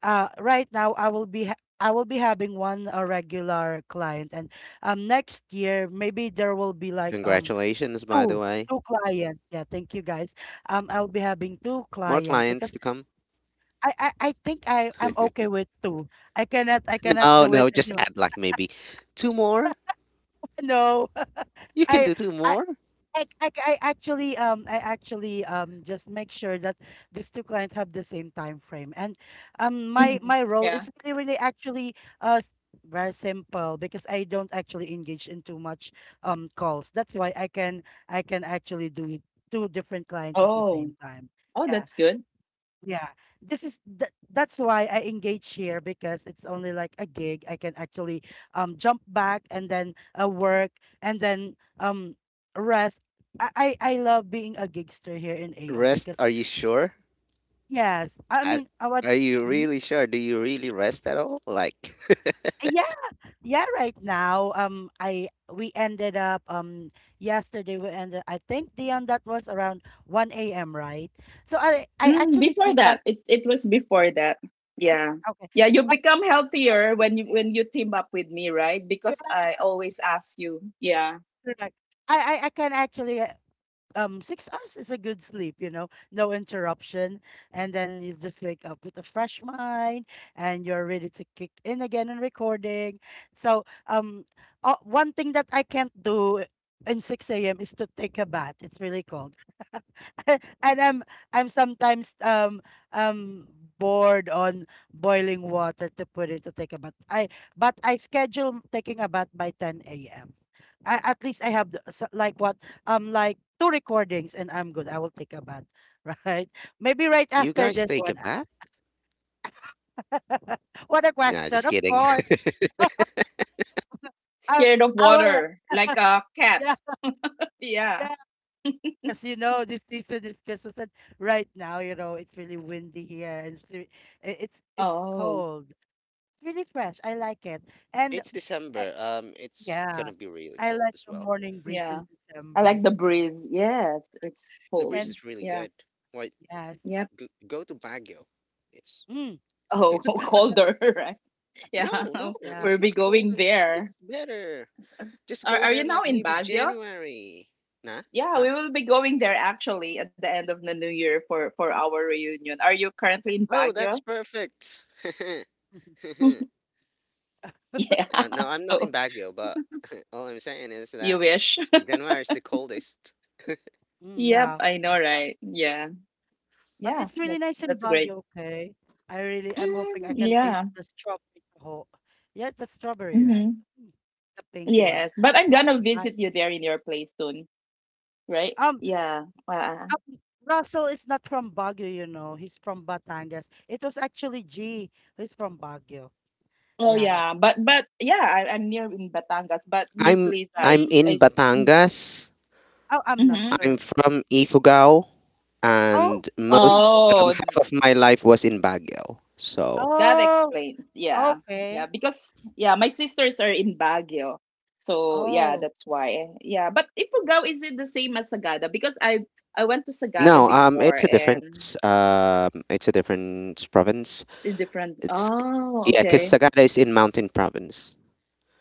Speaker 1: right now I will be having one regular client, and next year maybe there will be like
Speaker 3: Congratulations by the
Speaker 1: two
Speaker 3: way.
Speaker 1: two clients. Yeah, thank you guys. I'll be having two
Speaker 3: More
Speaker 1: clients
Speaker 3: clients to
Speaker 1: because
Speaker 3: come.
Speaker 1: I think I'm okay with two. I cannot
Speaker 3: Oh
Speaker 1: do it
Speaker 3: no, just
Speaker 1: anymore.
Speaker 3: add like maybe two more.
Speaker 1: No.
Speaker 3: You can
Speaker 1: I
Speaker 3: do two
Speaker 1: I
Speaker 3: more.
Speaker 1: I, I, I actually just make sure that these two clients have the same time frame, and my
Speaker 2: Mm,
Speaker 1: my role
Speaker 2: yeah.
Speaker 1: is really actually uh s- very simple because I don't actually engage in too much calls. That's why I can actually do two different clients at the
Speaker 2: Oh.
Speaker 1: same time.
Speaker 2: Oh,
Speaker 1: Yeah,
Speaker 2: that's good.
Speaker 1: yeah, that's why I engage here, because it's only like a gig. I can actually jump back and then work and then rest. I love being a gigster here in AO
Speaker 3: Rest,
Speaker 1: because
Speaker 3: are you sure?
Speaker 1: yes, I
Speaker 3: I,
Speaker 1: mean I would.
Speaker 3: are you
Speaker 1: Mhm.
Speaker 3: really sure? Do you really rest at all? Like,
Speaker 1: Yeah, yeah. Right now, I we ended up yesterday. We ended, I think Dion, that was around 1 a.m. Right, so I
Speaker 2: Mm,
Speaker 1: actually
Speaker 2: before
Speaker 1: sleep like
Speaker 2: that, it was before that. Yeah.
Speaker 1: okay.
Speaker 2: Yeah, you become healthier when you team up with me, right? Because
Speaker 1: Yeah,
Speaker 2: I always ask you. Yeah.
Speaker 1: correct. I can actually 6 hours is a good sleep, no interruption, and then you just wake up with a fresh mind and you're ready to kick in again and recording. So one thing that I can't do in 6 a.m. is to take a bath. It's really cold. And I'm sometimes um bored on boiling water to put it to take a bath, I but I schedule taking a bath by 10 a.m. At least I have like two recordings and I'm good. I will take a bath, right? Maybe right
Speaker 3: you
Speaker 1: after
Speaker 3: guys
Speaker 1: this
Speaker 3: take
Speaker 1: one.
Speaker 3: a bath?
Speaker 1: What a
Speaker 3: Nah,
Speaker 1: question.
Speaker 3: just
Speaker 1: Of
Speaker 3: kidding.
Speaker 1: course. I,
Speaker 2: Scared of
Speaker 1: I will,
Speaker 2: water, like a cat.
Speaker 1: yeah,
Speaker 2: Yeah.
Speaker 1: yeah. Because you know this season is Christmas, and right now, it's really windy here, and it's
Speaker 2: Oh,
Speaker 1: cold. It's really fresh. I like it. And
Speaker 3: It's
Speaker 1: uh,
Speaker 3: December. It's
Speaker 1: yeah.
Speaker 3: gonna be really
Speaker 1: I
Speaker 3: cold
Speaker 1: like
Speaker 3: as
Speaker 1: the
Speaker 3: well.
Speaker 1: morning breeze
Speaker 2: yeah.
Speaker 1: in
Speaker 2: I
Speaker 1: December.
Speaker 2: like the breeze. Yes, it's
Speaker 3: The
Speaker 2: cold.
Speaker 3: breeze
Speaker 1: And
Speaker 3: is really
Speaker 2: Yeah.
Speaker 3: good. Why
Speaker 1: yes.
Speaker 2: Yep.
Speaker 3: go to Baguio? It's
Speaker 1: Mm,
Speaker 2: Oh,
Speaker 3: it's better.
Speaker 2: colder, right? Yeah.
Speaker 3: No, no,
Speaker 1: yeah.
Speaker 2: We'll
Speaker 3: it's
Speaker 2: be
Speaker 3: not
Speaker 2: going
Speaker 3: colder.
Speaker 2: there.
Speaker 3: It's better.
Speaker 2: S- s-
Speaker 3: Just
Speaker 2: Are
Speaker 3: go
Speaker 2: are you
Speaker 3: there
Speaker 2: now
Speaker 3: like
Speaker 1: Mm,
Speaker 2: in
Speaker 3: maybe
Speaker 2: Baguio?
Speaker 3: January. Nah,
Speaker 2: Yeah,
Speaker 3: huh?
Speaker 2: we will be going there actually at the end of the new year for our reunion. Are you currently in
Speaker 3: Oh,
Speaker 2: Baguio?
Speaker 3: that's perfect.
Speaker 2: Yeah.
Speaker 3: No, I'm not
Speaker 2: So
Speaker 3: in Baguio, but all I'm saying is
Speaker 2: you
Speaker 3: that
Speaker 2: wish.
Speaker 3: January is the coldest.
Speaker 1: mm,
Speaker 2: Yep,
Speaker 1: yeah.
Speaker 2: I know, right? Yeah.
Speaker 1: But
Speaker 2: Yeah,
Speaker 1: it's really nice in
Speaker 2: that's great.
Speaker 1: Baguio, okay? I'm hoping
Speaker 2: Mm,
Speaker 1: I can
Speaker 2: yeah.
Speaker 1: taste the strawberry taho. Yes, the strawberry, right?
Speaker 2: Hmm.
Speaker 1: Mm, the pink one,
Speaker 2: Yes, but I'm gonna
Speaker 1: right?
Speaker 2: visit you there in your place soon, right?
Speaker 1: Um,
Speaker 2: Yeah.
Speaker 1: um, Russell is not from Baguio, you know. He's from Batangas. It was actually G who's from Baguio.
Speaker 2: Oh
Speaker 1: Yeah.
Speaker 2: yeah, but yeah, I'm near in Batangas, but Miss
Speaker 3: I'm
Speaker 2: Lisa
Speaker 3: I'm
Speaker 1: Mm,
Speaker 2: is
Speaker 3: in
Speaker 2: is.
Speaker 3: Batangas.
Speaker 1: oh, I'm not
Speaker 2: Hmm.
Speaker 3: I'm
Speaker 1: sure.
Speaker 3: from Ifugao,
Speaker 1: Oh,
Speaker 3: and
Speaker 1: really?
Speaker 3: most,
Speaker 2: Oh,
Speaker 3: half of my life was in Baguio. So
Speaker 2: that
Speaker 1: Oh,
Speaker 2: explains. Yeah. Yeah.
Speaker 1: okay.
Speaker 2: Because, yeah, my sisters are in Baguio. So, yeah,
Speaker 1: Oh,
Speaker 2: that's why. Yeah. But Ifugao, is it the same as Sagada? Because I went to Sagada
Speaker 3: no,
Speaker 2: before
Speaker 3: it's a different,
Speaker 2: and
Speaker 3: it's a different province.
Speaker 2: it's different.
Speaker 3: It's,
Speaker 2: Oh,
Speaker 3: yeah, because
Speaker 2: okay.
Speaker 3: Sagada is in Mountain Province.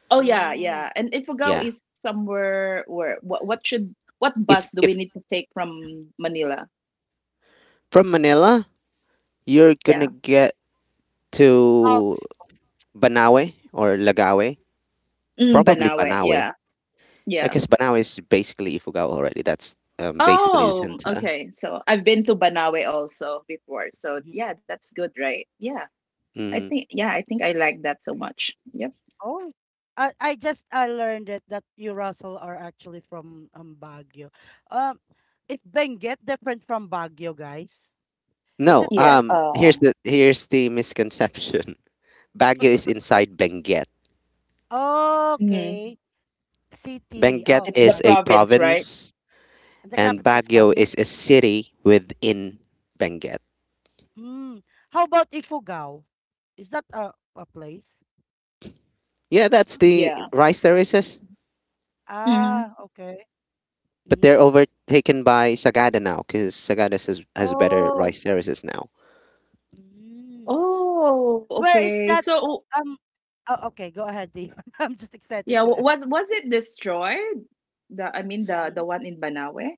Speaker 2: Oh, yeah.
Speaker 1: mm,
Speaker 2: Yeah. And Ifugao
Speaker 3: Yeah,
Speaker 2: is somewhere where, what should, what bus do we
Speaker 3: if
Speaker 2: need to take from Manila?
Speaker 3: from Manila, you're gonna
Speaker 2: Yeah.
Speaker 3: get to
Speaker 1: Alps.
Speaker 3: Banawe or Lagawe.
Speaker 2: Mm,
Speaker 3: Probably
Speaker 2: Banawe.
Speaker 3: Banawe,
Speaker 2: Yeah. Yeah.
Speaker 1: Mhm,
Speaker 3: because Banawe is basically Ifugao already. That's, basically the
Speaker 2: Oh,
Speaker 3: center.
Speaker 2: okay. So I've been to Banawe also before. So yeah,
Speaker 1: mhm.
Speaker 2: that's good, right? Yeah. I
Speaker 3: Mm.
Speaker 2: think yeah, I think I like that so much. Yep.
Speaker 1: Oh, I learned it that you, Russell, are actually from Baguio. Um, is Benguet different from Baguio, guys? Is it
Speaker 3: No,
Speaker 2: Yeah.
Speaker 1: like
Speaker 3: here's the misconception. Baguio is inside Benguet.
Speaker 2: Hmm.
Speaker 1: okay, city?
Speaker 3: Benguet
Speaker 1: Oh,
Speaker 2: It's
Speaker 1: okay,
Speaker 2: the
Speaker 3: is a
Speaker 1: Baguio.
Speaker 2: province, right?
Speaker 3: province,
Speaker 1: And the
Speaker 3: and
Speaker 1: capital is
Speaker 3: Baguio
Speaker 1: Baguio.
Speaker 3: is a city within Benguet.
Speaker 1: Hmm. How about Ifugao? Is that a place?
Speaker 3: Yeah,
Speaker 1: Is
Speaker 3: that's
Speaker 1: that,
Speaker 3: the
Speaker 2: Yeah.
Speaker 3: rice terraces,
Speaker 2: Hmm.
Speaker 1: ah, okay.
Speaker 3: but
Speaker 1: Mhm.
Speaker 3: they're overtaken by Sagada now, because Sagada has better
Speaker 1: Oh.
Speaker 3: rice terraces now.
Speaker 1: Mm.
Speaker 2: Oh,
Speaker 1: Where is
Speaker 2: okay.
Speaker 1: that?
Speaker 2: So
Speaker 1: Um. Oh, okay. Go ahead, Dion. I'm just excited
Speaker 2: yeah,
Speaker 1: to ask.
Speaker 2: was it destroyed? The I mean the
Speaker 1: Mhm.
Speaker 2: one in Banawe.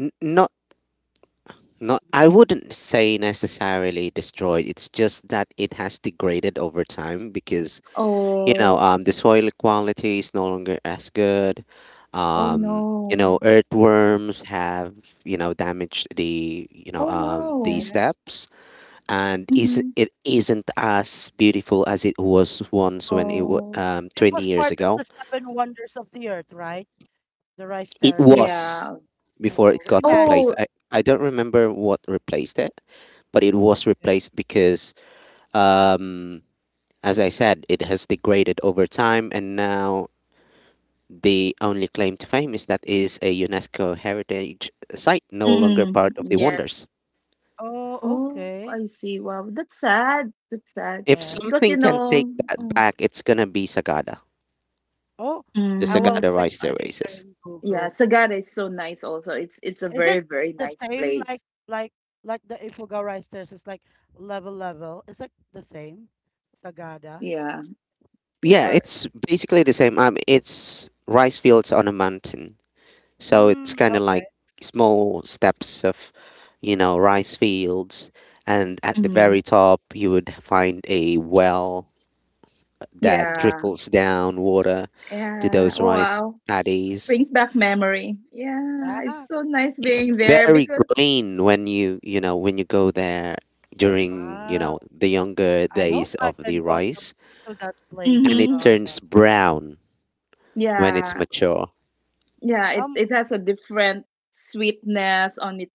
Speaker 3: No, not, I wouldn't say necessarily destroyed. It's just that it has degraded over time because, you know,
Speaker 2: Oh,
Speaker 3: the soil quality is no longer as good.
Speaker 2: oh
Speaker 3: You
Speaker 2: no.
Speaker 3: know, earthworms have, you know, damaged the, you know,
Speaker 2: Oh
Speaker 3: the
Speaker 2: no.
Speaker 3: steps, and is
Speaker 2: Mm-hmm.
Speaker 3: it isn't as beautiful as it was once when it was,
Speaker 2: Oh
Speaker 1: It
Speaker 3: 20
Speaker 1: was
Speaker 3: years
Speaker 1: part of the
Speaker 3: ago.
Speaker 1: seven wonders of the earth, right? The rice
Speaker 3: It
Speaker 1: terraces.
Speaker 3: was
Speaker 2: yeah.
Speaker 1: Wow.
Speaker 3: before it got
Speaker 1: Imagine.
Speaker 3: replaced.
Speaker 2: Oh.
Speaker 3: I don't remember what replaced it, but it was
Speaker 1: Eh?
Speaker 3: replaced because, um, as I said, it has degraded over time, and now the only claim to fame is that is a UNESCO heritage site, no longer
Speaker 2: Mm-mm.
Speaker 3: part of the
Speaker 2: Yes.
Speaker 3: wonders.
Speaker 1: Oh,
Speaker 2: Oh,
Speaker 1: okay.
Speaker 2: I see. Wow, that's sad. That's sad
Speaker 3: If
Speaker 1: Yes.
Speaker 2: because you
Speaker 3: something can take
Speaker 2: know.
Speaker 3: that
Speaker 2: Mm.
Speaker 3: back, it's gonna be Sagada,
Speaker 1: Oh,
Speaker 3: the
Speaker 1: I will
Speaker 2: Mm.
Speaker 3: Sagada
Speaker 1: check
Speaker 3: rice
Speaker 1: it later
Speaker 3: terraces.
Speaker 1: in
Speaker 2: Yeah,
Speaker 1: Google.
Speaker 2: Sagada is so nice also. It's a
Speaker 1: Is
Speaker 2: very,
Speaker 1: it
Speaker 2: very
Speaker 1: the
Speaker 2: nice
Speaker 1: same like
Speaker 2: place.
Speaker 1: like the Ifuga rice terraces, like level? Is it the same? Sagada,
Speaker 2: Yeah.
Speaker 3: Yeah,
Speaker 1: or is
Speaker 3: it's
Speaker 1: it-
Speaker 3: basically the same. It's rice fields on a mountain, so it's
Speaker 1: mm,
Speaker 3: kind of
Speaker 1: okay.
Speaker 3: like small steps of, you know, rice fields, and at the
Speaker 2: Hmm.
Speaker 3: very top you would find a well that
Speaker 1: Mm-hmm.
Speaker 2: Yeah.
Speaker 3: trickles down water to
Speaker 2: Yeah.
Speaker 3: those rice
Speaker 2: Wow.
Speaker 3: paddies.
Speaker 2: Brings back memory. Yeah. It's
Speaker 1: Yeah.
Speaker 2: so nice
Speaker 3: It's
Speaker 2: being there
Speaker 3: very
Speaker 2: because
Speaker 3: green when you know, when you go there during, you
Speaker 1: Wow.
Speaker 3: know, the younger
Speaker 1: I hope
Speaker 3: days
Speaker 1: I
Speaker 3: of the
Speaker 1: can go to
Speaker 3: rice,
Speaker 1: that place,
Speaker 3: and it
Speaker 2: hmm
Speaker 1: Sagada.
Speaker 3: turns brown when it's
Speaker 2: yeah.
Speaker 3: mature.
Speaker 2: Yeah, it,
Speaker 1: Um,
Speaker 2: it has a different sweetness on its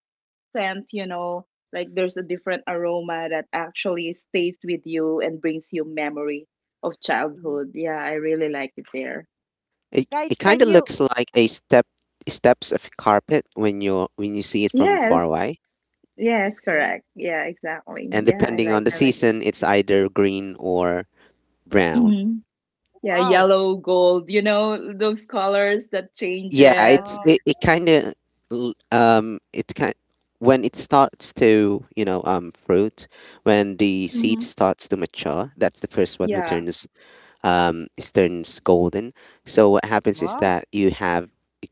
Speaker 2: scent, you know. Like there's a different aroma that actually stays with you and brings you memory of
Speaker 1: mhm.
Speaker 2: childhood. Yeah, I really like it there.
Speaker 3: It
Speaker 1: Guys,
Speaker 3: it kind
Speaker 1: can
Speaker 3: of
Speaker 1: you?
Speaker 3: looks like a steps of carpet when you, when you see it from far
Speaker 1: Mhm.
Speaker 2: Yes.
Speaker 3: away.
Speaker 2: Yes,
Speaker 1: Okay.
Speaker 2: correct. Yeah, exactly.
Speaker 3: And
Speaker 2: Yeah, I
Speaker 3: depending on
Speaker 2: like
Speaker 3: the
Speaker 2: I like it.
Speaker 3: season, it's either green or brown.
Speaker 2: Hmm. Yeah,
Speaker 1: Wow.
Speaker 2: yellow, gold, you know, those colors that
Speaker 3: Yeah,
Speaker 2: changes.
Speaker 1: Wow.
Speaker 3: it kind of, it's kind, when it starts to, you know, fruit, when the seed
Speaker 2: Hmm.
Speaker 3: starts to mature, that's the first one who
Speaker 2: Yeah,
Speaker 3: turns, is turns golden. So what happens is
Speaker 1: Wow.
Speaker 3: that you have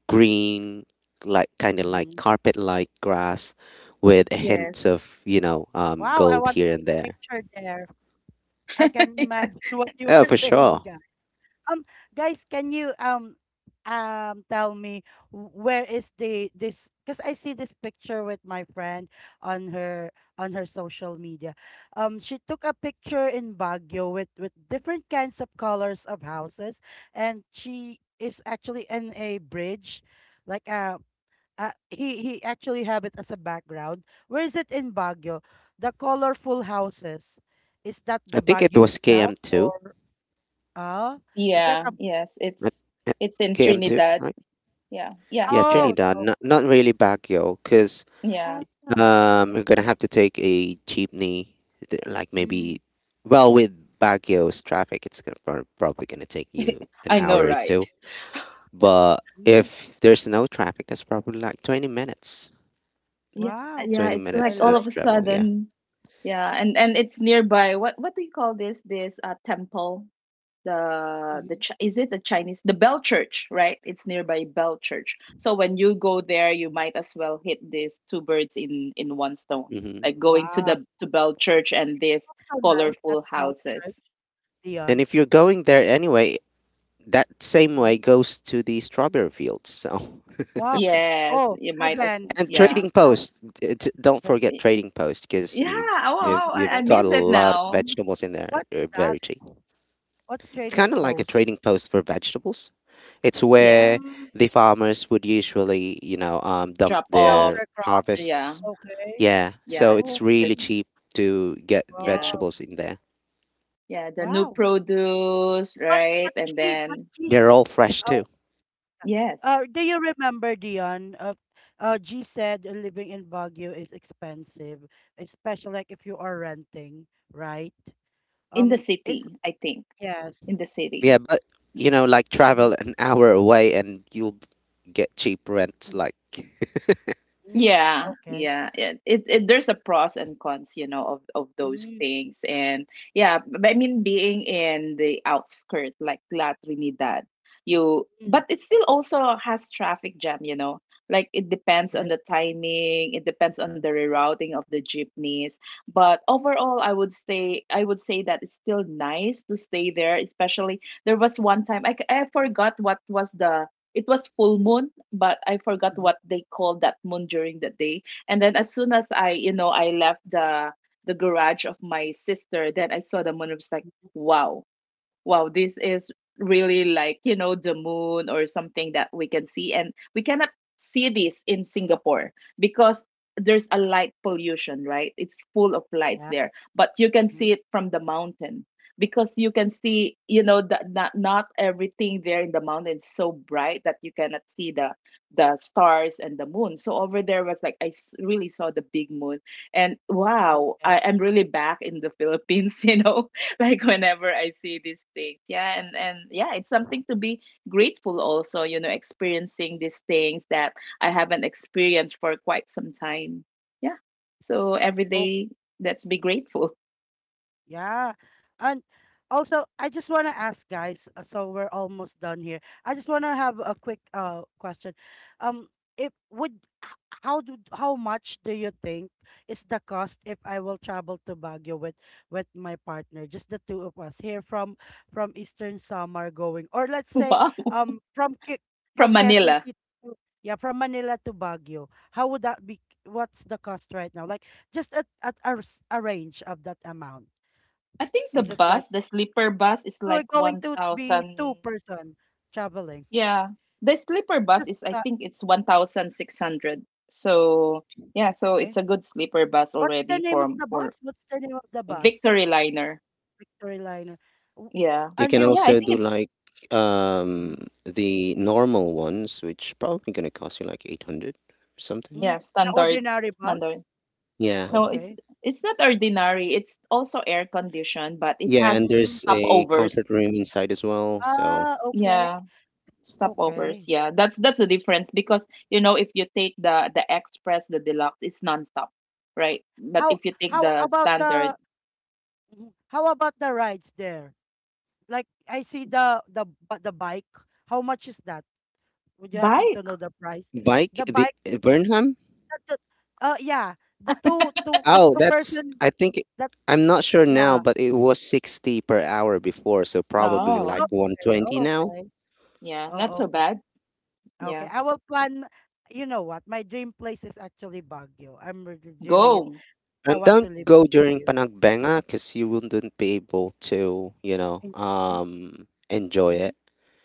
Speaker 3: green, like kind of like
Speaker 1: Mhm,
Speaker 3: carpet like grass, with a
Speaker 2: yes.
Speaker 1: mhm.
Speaker 3: hint of, you know,
Speaker 1: Wow, I
Speaker 3: gold
Speaker 1: want to
Speaker 3: here and
Speaker 1: take
Speaker 3: there.
Speaker 1: picture there. I can imagine what you
Speaker 3: Oh,
Speaker 1: are
Speaker 3: for
Speaker 1: saying,
Speaker 3: sure.
Speaker 1: guys. Um, guys, can you tell me where is the this? Because I see this picture with my friend on her social media. She took a picture in Baguio with different kinds of colors of houses, and she is actually in a bridge, like a he actually have it as a background. Where is it in Baguio? The colorful houses. Is that
Speaker 3: I
Speaker 1: the
Speaker 3: think it
Speaker 1: Baguio
Speaker 3: was
Speaker 1: itself,
Speaker 3: km2.
Speaker 1: or uh is that
Speaker 2: Yeah,
Speaker 1: a
Speaker 2: yes.
Speaker 3: uh,
Speaker 2: It's
Speaker 3: uh,
Speaker 2: it's in
Speaker 1: mm,
Speaker 3: km2,
Speaker 2: Trinidad.
Speaker 3: right?
Speaker 2: Yeah, yeah,
Speaker 3: Yeah,
Speaker 2: yeah,
Speaker 1: oh,
Speaker 3: Trinidad,
Speaker 1: oh,
Speaker 3: not not really Baguio, because
Speaker 1: ah,
Speaker 2: yeah.
Speaker 3: um, we're
Speaker 1: okay.
Speaker 3: gonna have to take a jeepney, like
Speaker 1: Mm,
Speaker 3: maybe, well, with Baguio's traffic, it's gonna probably gonna take you an
Speaker 2: I know,
Speaker 3: hour
Speaker 1: mhm,
Speaker 3: or
Speaker 2: right?
Speaker 3: two. But
Speaker 1: mm,
Speaker 3: if there's no traffic, that's probably like 20 minutes,
Speaker 2: Yeah,
Speaker 1: wow.
Speaker 2: yeah.
Speaker 3: 20
Speaker 2: It's
Speaker 1: I
Speaker 2: like
Speaker 3: minutes
Speaker 2: all of
Speaker 3: of
Speaker 1: like
Speaker 2: a
Speaker 3: travel. Yeah.
Speaker 2: sudden. Yeah, and it's nearby. What do you call this? This temple?
Speaker 1: mhm.
Speaker 2: Is it the Chinese the Bell Church, right? It's nearby Bell Church. So when you go there, you might as well hit these two birds in one stone,
Speaker 3: Hmm.
Speaker 2: like going to
Speaker 1: Wow.
Speaker 2: the to Bell Church and these
Speaker 1: So nice that
Speaker 2: colorful
Speaker 1: bell church,
Speaker 2: houses.
Speaker 3: And
Speaker 1: Dion.
Speaker 3: if you're going there anyway, that same way
Speaker 1: Mhm.
Speaker 3: goes to the strawberry fields. So
Speaker 1: Wow.
Speaker 2: Yes,
Speaker 1: Oh,
Speaker 2: you might as
Speaker 1: again,
Speaker 3: and
Speaker 2: yeah.
Speaker 3: trading
Speaker 1: um
Speaker 3: post, don't forget
Speaker 2: Y-
Speaker 3: trading post, because
Speaker 2: yeah. Oh,
Speaker 1: trading
Speaker 2: I
Speaker 3: you've
Speaker 1: post.
Speaker 3: got a
Speaker 2: miss it
Speaker 3: lot of
Speaker 2: now.
Speaker 3: vegetables in there.
Speaker 1: What's
Speaker 3: They're
Speaker 1: that?
Speaker 3: very cheap.
Speaker 1: What's
Speaker 3: It's kind
Speaker 1: trading
Speaker 3: of like a
Speaker 1: post?
Speaker 3: trading post for vegetables. It's where
Speaker 2: Yeah,
Speaker 1: Mm,
Speaker 3: the farmers would usually, you know, dump
Speaker 2: drop
Speaker 1: sell
Speaker 2: off.
Speaker 3: their
Speaker 1: their crop.
Speaker 2: Yeah,
Speaker 3: harvests.
Speaker 1: Okay.
Speaker 3: Yeah, so
Speaker 2: yeah.
Speaker 3: it's
Speaker 1: Oh,
Speaker 2: The,
Speaker 3: really cheap to get
Speaker 2: yeah,
Speaker 1: wow.
Speaker 3: vegetables in there.
Speaker 2: yeah. The new
Speaker 1: Wow.
Speaker 2: produce,
Speaker 1: But
Speaker 2: right?
Speaker 1: but
Speaker 2: And
Speaker 1: she but
Speaker 2: then
Speaker 1: she said
Speaker 3: They're all
Speaker 1: in
Speaker 3: fresh
Speaker 1: our
Speaker 3: too.
Speaker 2: yes,
Speaker 1: do you remember, Dion? G said living in Baguio is expensive, especially like if you are renting, right?
Speaker 2: in the
Speaker 1: It's
Speaker 2: city, I think.
Speaker 1: yes.
Speaker 2: In the city.
Speaker 3: Yeah, but
Speaker 2: Y-
Speaker 3: you know, like
Speaker 1: Mhm,
Speaker 3: travel an hour away and you'll get cheap rent. Like
Speaker 1: mhm.
Speaker 2: Yeah,
Speaker 1: Okay.
Speaker 2: yeah. It there's a pros and cons, you know, of those
Speaker 1: Mm,
Speaker 2: things. And yeah, but I mean being in the outskirt like La Trinidad, you
Speaker 1: mm.
Speaker 2: but it still also has traffic jam, you know. Like it depends on
Speaker 1: Okay.
Speaker 2: the timing, it depends on the rerouting of the jeepneys. But overall, I would say that it's still nice to stay there, especially there was one time I forgot what was the it was full moon but I forgot
Speaker 1: Hmm.
Speaker 2: what they called that moon during the day. And then as soon as I I left the garage of my sister, then I saw the moon. It was like wow, wow, this is really like, you know, the moon or something that we can see. And we cannot see this in Singapore because there's a light pollution, right? It's full of lights
Speaker 1: Yeah.
Speaker 2: there, but you can see
Speaker 1: Mhm,
Speaker 2: it from the mountain because you can see, you know, that not everything there in the mountain is so bright that you cannot see the stars and the moon. So over there was like really saw the big moon, and wow, I
Speaker 1: okay.
Speaker 2: am really back in the Philippines, you know, like whenever I see these things. Yeah, and yeah, it's something to be grateful also, you know, experiencing these things that I haven't experienced for quite some time. Yeah. So every day let's be grateful.
Speaker 1: Yeah. And also, I just want to ask, guys, so we're almost done here. I just want to have a quick question. Um if would h- how do how much do you think is the cost if I will travel to Baguio with my partner, just the two of us, here from Eastern Samar going, or let's say
Speaker 2: Wow.
Speaker 1: from
Speaker 2: From
Speaker 1: Quezon
Speaker 2: Manila.
Speaker 1: City to yeah, from Manila to Baguio. How would that be? What's the cost right now? Like just at a range of that amount.
Speaker 2: I think the
Speaker 1: Is it like
Speaker 2: bus, the sleeper bus is
Speaker 1: we were
Speaker 2: like
Speaker 1: going to be
Speaker 2: 1000
Speaker 1: two-person traveling?
Speaker 2: yeah. The sleeper bus
Speaker 1: Just
Speaker 2: is I
Speaker 1: sa
Speaker 2: think it's 1600. So yeah, so it's
Speaker 1: okay.
Speaker 2: a good sleeper bus
Speaker 1: What's the
Speaker 2: already
Speaker 1: name of the
Speaker 2: for
Speaker 1: bus? What's the name of the bus?
Speaker 2: Victory Liner.
Speaker 1: Victory Liner. W-
Speaker 2: Yeah.
Speaker 3: you
Speaker 1: And
Speaker 3: can
Speaker 1: you,
Speaker 2: Yeah, I
Speaker 3: also
Speaker 2: think
Speaker 3: do
Speaker 2: it's
Speaker 3: like, um
Speaker 1: mhm.
Speaker 3: the normal ones, which probably gonna cost you like 800 something.
Speaker 1: Mm,
Speaker 2: yeah,
Speaker 1: the
Speaker 2: standard
Speaker 1: ordinary bus?
Speaker 2: standard.
Speaker 3: Yeah,
Speaker 2: No,
Speaker 1: Okay.
Speaker 2: it's not ordinary. It's also air conditioned, but it
Speaker 3: yeah,
Speaker 2: has
Speaker 3: and
Speaker 1: Mm,
Speaker 3: there's a comfort
Speaker 2: stopovers.
Speaker 3: room inside as well. So
Speaker 1: ah, okay,
Speaker 2: Yeah, stopovers.
Speaker 1: okay.
Speaker 2: Yeah. That's the difference because you know if you take the express, the deluxe, it's nonstop, right? But
Speaker 1: How
Speaker 2: if you take
Speaker 1: how
Speaker 2: the
Speaker 1: about
Speaker 2: standard
Speaker 1: the rides there? Like I see the bike. How much is that? Would you happen to
Speaker 2: bike,
Speaker 1: know the price?
Speaker 3: bike,
Speaker 1: The
Speaker 3: the
Speaker 1: bike,
Speaker 3: Burnham.
Speaker 1: the oh, yeah, the two two
Speaker 3: Oh,
Speaker 1: two
Speaker 3: that's,
Speaker 1: person,
Speaker 3: I think it,
Speaker 1: that
Speaker 3: I'm not sure now,
Speaker 1: yeah.
Speaker 3: but it was 60 per hour before, so probably
Speaker 1: Mm,
Speaker 2: oh,
Speaker 3: like
Speaker 1: okay.
Speaker 3: 120
Speaker 1: Oh,
Speaker 3: now.
Speaker 1: okay.
Speaker 2: yeah, not so
Speaker 1: Oh, okay.
Speaker 2: bad.
Speaker 1: Okay.
Speaker 2: Yeah.
Speaker 1: I will plan. You know what? My dream place is actually Baguio. I'm really dreaming it.
Speaker 2: Go.
Speaker 1: I
Speaker 3: And
Speaker 1: want to
Speaker 3: don't
Speaker 1: live in
Speaker 3: go during
Speaker 1: Baguio.
Speaker 3: Panagbenga because you wouldn't be able to, you know,
Speaker 1: In- Okay.
Speaker 3: enjoy
Speaker 1: Mhm.
Speaker 3: it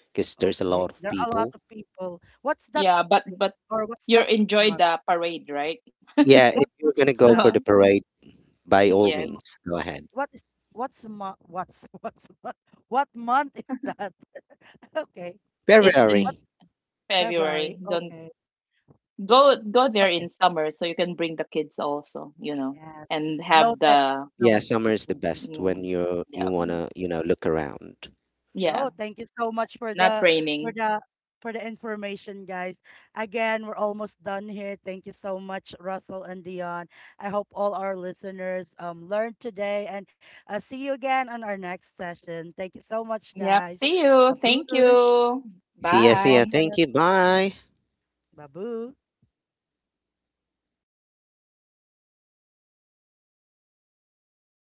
Speaker 3: because there's a lot
Speaker 1: Okay.
Speaker 3: of
Speaker 1: There are a lot
Speaker 3: people.
Speaker 1: of people. What's that
Speaker 2: Yeah,
Speaker 1: thing?
Speaker 2: but
Speaker 1: Or what's
Speaker 2: you
Speaker 1: that
Speaker 2: enjoy
Speaker 1: month?
Speaker 2: the parade, right?
Speaker 3: Yeah, if
Speaker 1: What
Speaker 3: you're
Speaker 1: month
Speaker 3: gonna
Speaker 1: is
Speaker 3: go
Speaker 2: So,
Speaker 1: that?
Speaker 3: for the parade, by all
Speaker 2: yes,
Speaker 1: What's mo-
Speaker 3: means, go ahead.
Speaker 1: what is what's what month is that? Okay.
Speaker 2: it's in
Speaker 1: What,
Speaker 3: February.
Speaker 2: February.
Speaker 1: February?
Speaker 2: Don't
Speaker 1: Okay.
Speaker 2: go there
Speaker 1: Okay.
Speaker 2: in summer so you can bring the kids also, you know,
Speaker 1: Yes.
Speaker 2: and have
Speaker 1: Noted.
Speaker 2: the
Speaker 3: Yeah,
Speaker 1: Noted.
Speaker 3: summer is the best when
Speaker 2: mm,
Speaker 3: you
Speaker 2: yeah,
Speaker 3: you
Speaker 2: mm,
Speaker 3: wanna, you know, look around.
Speaker 2: yeah,
Speaker 1: Oh, thank you so much for
Speaker 2: not
Speaker 1: the for
Speaker 2: raining.
Speaker 1: the for the information, guys. Again, we're almost done here. Thank you so much, Russell and Dion. I hope all our listeners learned today, and see you again on our next session. Thank you so much,
Speaker 2: Yep.
Speaker 1: guys.
Speaker 2: See you. Thank
Speaker 1: Babush,
Speaker 2: you.
Speaker 3: See ya, see ya.
Speaker 2: Bye.
Speaker 1: welcome.
Speaker 3: Thank you. Bye.
Speaker 1: Babu.